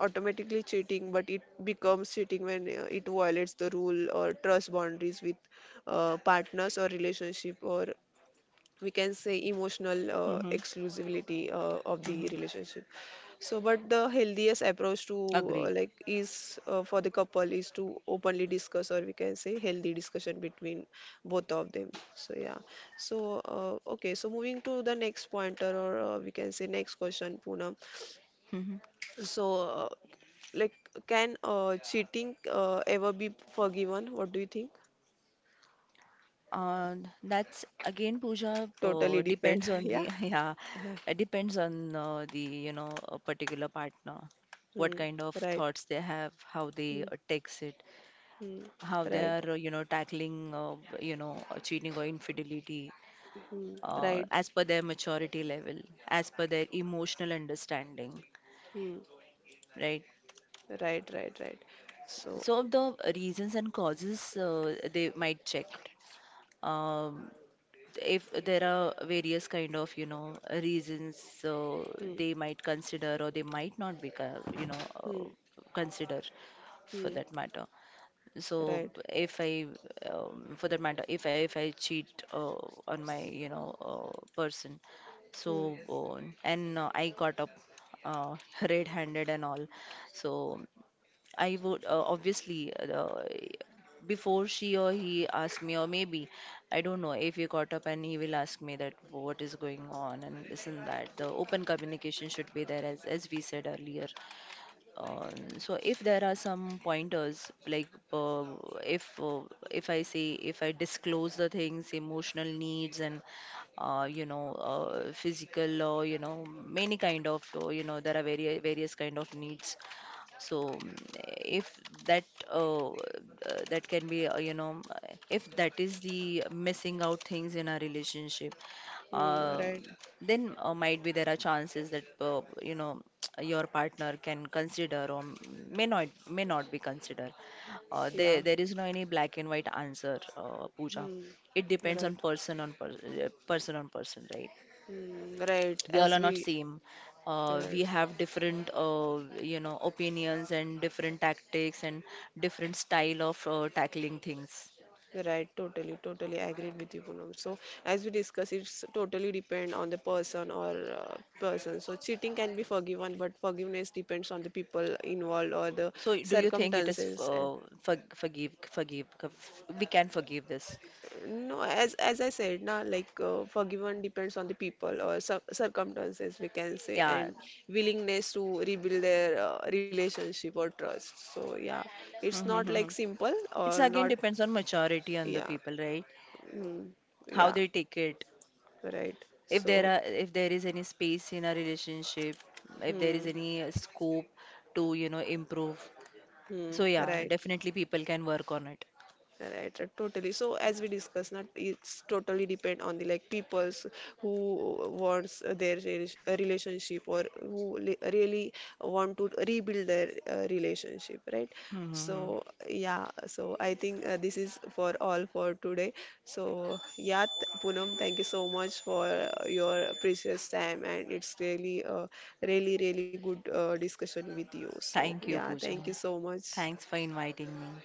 automatically cheating, but it becomes cheating when uh, it violates the rule or trust boundaries with uh, partners or relationship, or we can say emotional uh, hmm. exclusivity uh, of the Hmm. relationship. So but the healthiest approach to uh, Agreed. like is uh, for the couple is to openly discuss, or we can say healthy discussion between both of them, so yeah. So uh, okay, so moving to the next pointer, or uh, we can say next question, Poonam. Hmm. So uh, like, can uh, cheating uh, ever be forgiven? What do you think? Uh, that's again, Pooja, Totally uh, depend, depends *laughs* on yeah. the, *laughs* yeah, it depends on uh, the, you know, a particular partner, what Hmm. kind of Right. thoughts they have, how they Hmm. uh, takes it, Hmm. how they Right. are, uh, you know, tackling, uh, you know, uh, cheating or infidelity, Hmm. uh, Right. as per their maturity level, as per their emotional understanding, Hmm. right? Right. Right. Right. So. So the reasons and causes uh, they might check. Um, if there are various kind of, you know, reasons, so Hmm. they might consider or they might not be, co- you know Hmm. uh, consider, for Hmm. that matter. So Right. if I um, for that matter if I if I cheat uh, on my, you know, uh, person, so Hmm. uh, and uh, I got up, uh, *laughs* red handed and all. So I would, uh, obviously uh, before she or he asked me, or maybe I don't know, if he caught up and he will ask me that what is going on and this and that. The open communication should be there, as as we said earlier. Uh, so if there are some pointers, like, uh, if uh, if I say, if I disclose the things, emotional needs and uh, you know uh, physical, or you know, many kind of, uh, you know, there are various various kind of needs. So mm, if that, uh, uh, that can be, uh, you know uh, if that is the missing out things in our relationship, Hmm. uh, Right. then uh, might be there are chances that, uh, you know, *tsk* your partner can consider or may not may not be consider. Uh, Yeah. there there is no any black and white answer, uh, Pooja. Hmm. It depends on Right. person on per, uh, person on person, right? Hmm. Right. We all As are not we. same. Uh, we Right. have different, uh, you know, opinions and different tactics and different style of uh, tackling things. Right, totally, totally agreed with you, Poonam. So, as we discuss, it's totally depend on the person or uh, person. So, cheating can be forgiven, but forgiveness depends on the people involved or the So do you think it is, circumstances. uh, for, forgive forgive, we can forgive this? No, as as I said, na like, uh, forgiven depends on the people or cir circumstances, we can say, Yeah. and willingness to rebuild their uh, relationship or trust. So yeah, it's not like Mhm. simple or It's again not. depends on maturity on the Yeah, people, right? mm, How yeah, they take it? right. If there So are, if there is any space in a relationship, if there is hmm, any uh, scope to, you know, improve, hmm, so yeah, right. definitely people can work on it. Right, right, totally. So as we discussed, not it's totally depend on the like peoples who wants their rela- relationship, or who li- really want to rebuild their uh, relationship, right? Hmm. So yeah, so I think uh, this is for all for today. So yeah, th- Poonam, thank you so much for uh, your precious time, and it's really, uh, really, really good uh, discussion with you. So Thank you, yeah, Pooja. thank you so much. Thanks for inviting me.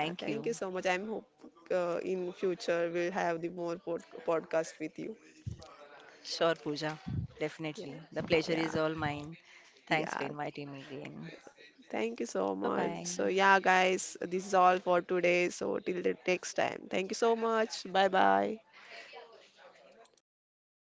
Uh, thank you you. so much. I'm hope uh, in future we'll have the more pod- podcast with you. Sure, Pooja. Yeah, Definitely. The pleasure yeah, is all mine. Thanks for yeah. inviting me again. Thank you so Bye much. So yeah, bye. guys, this is all for today. So till the next time. Thank you so much. Bye bye. Bye.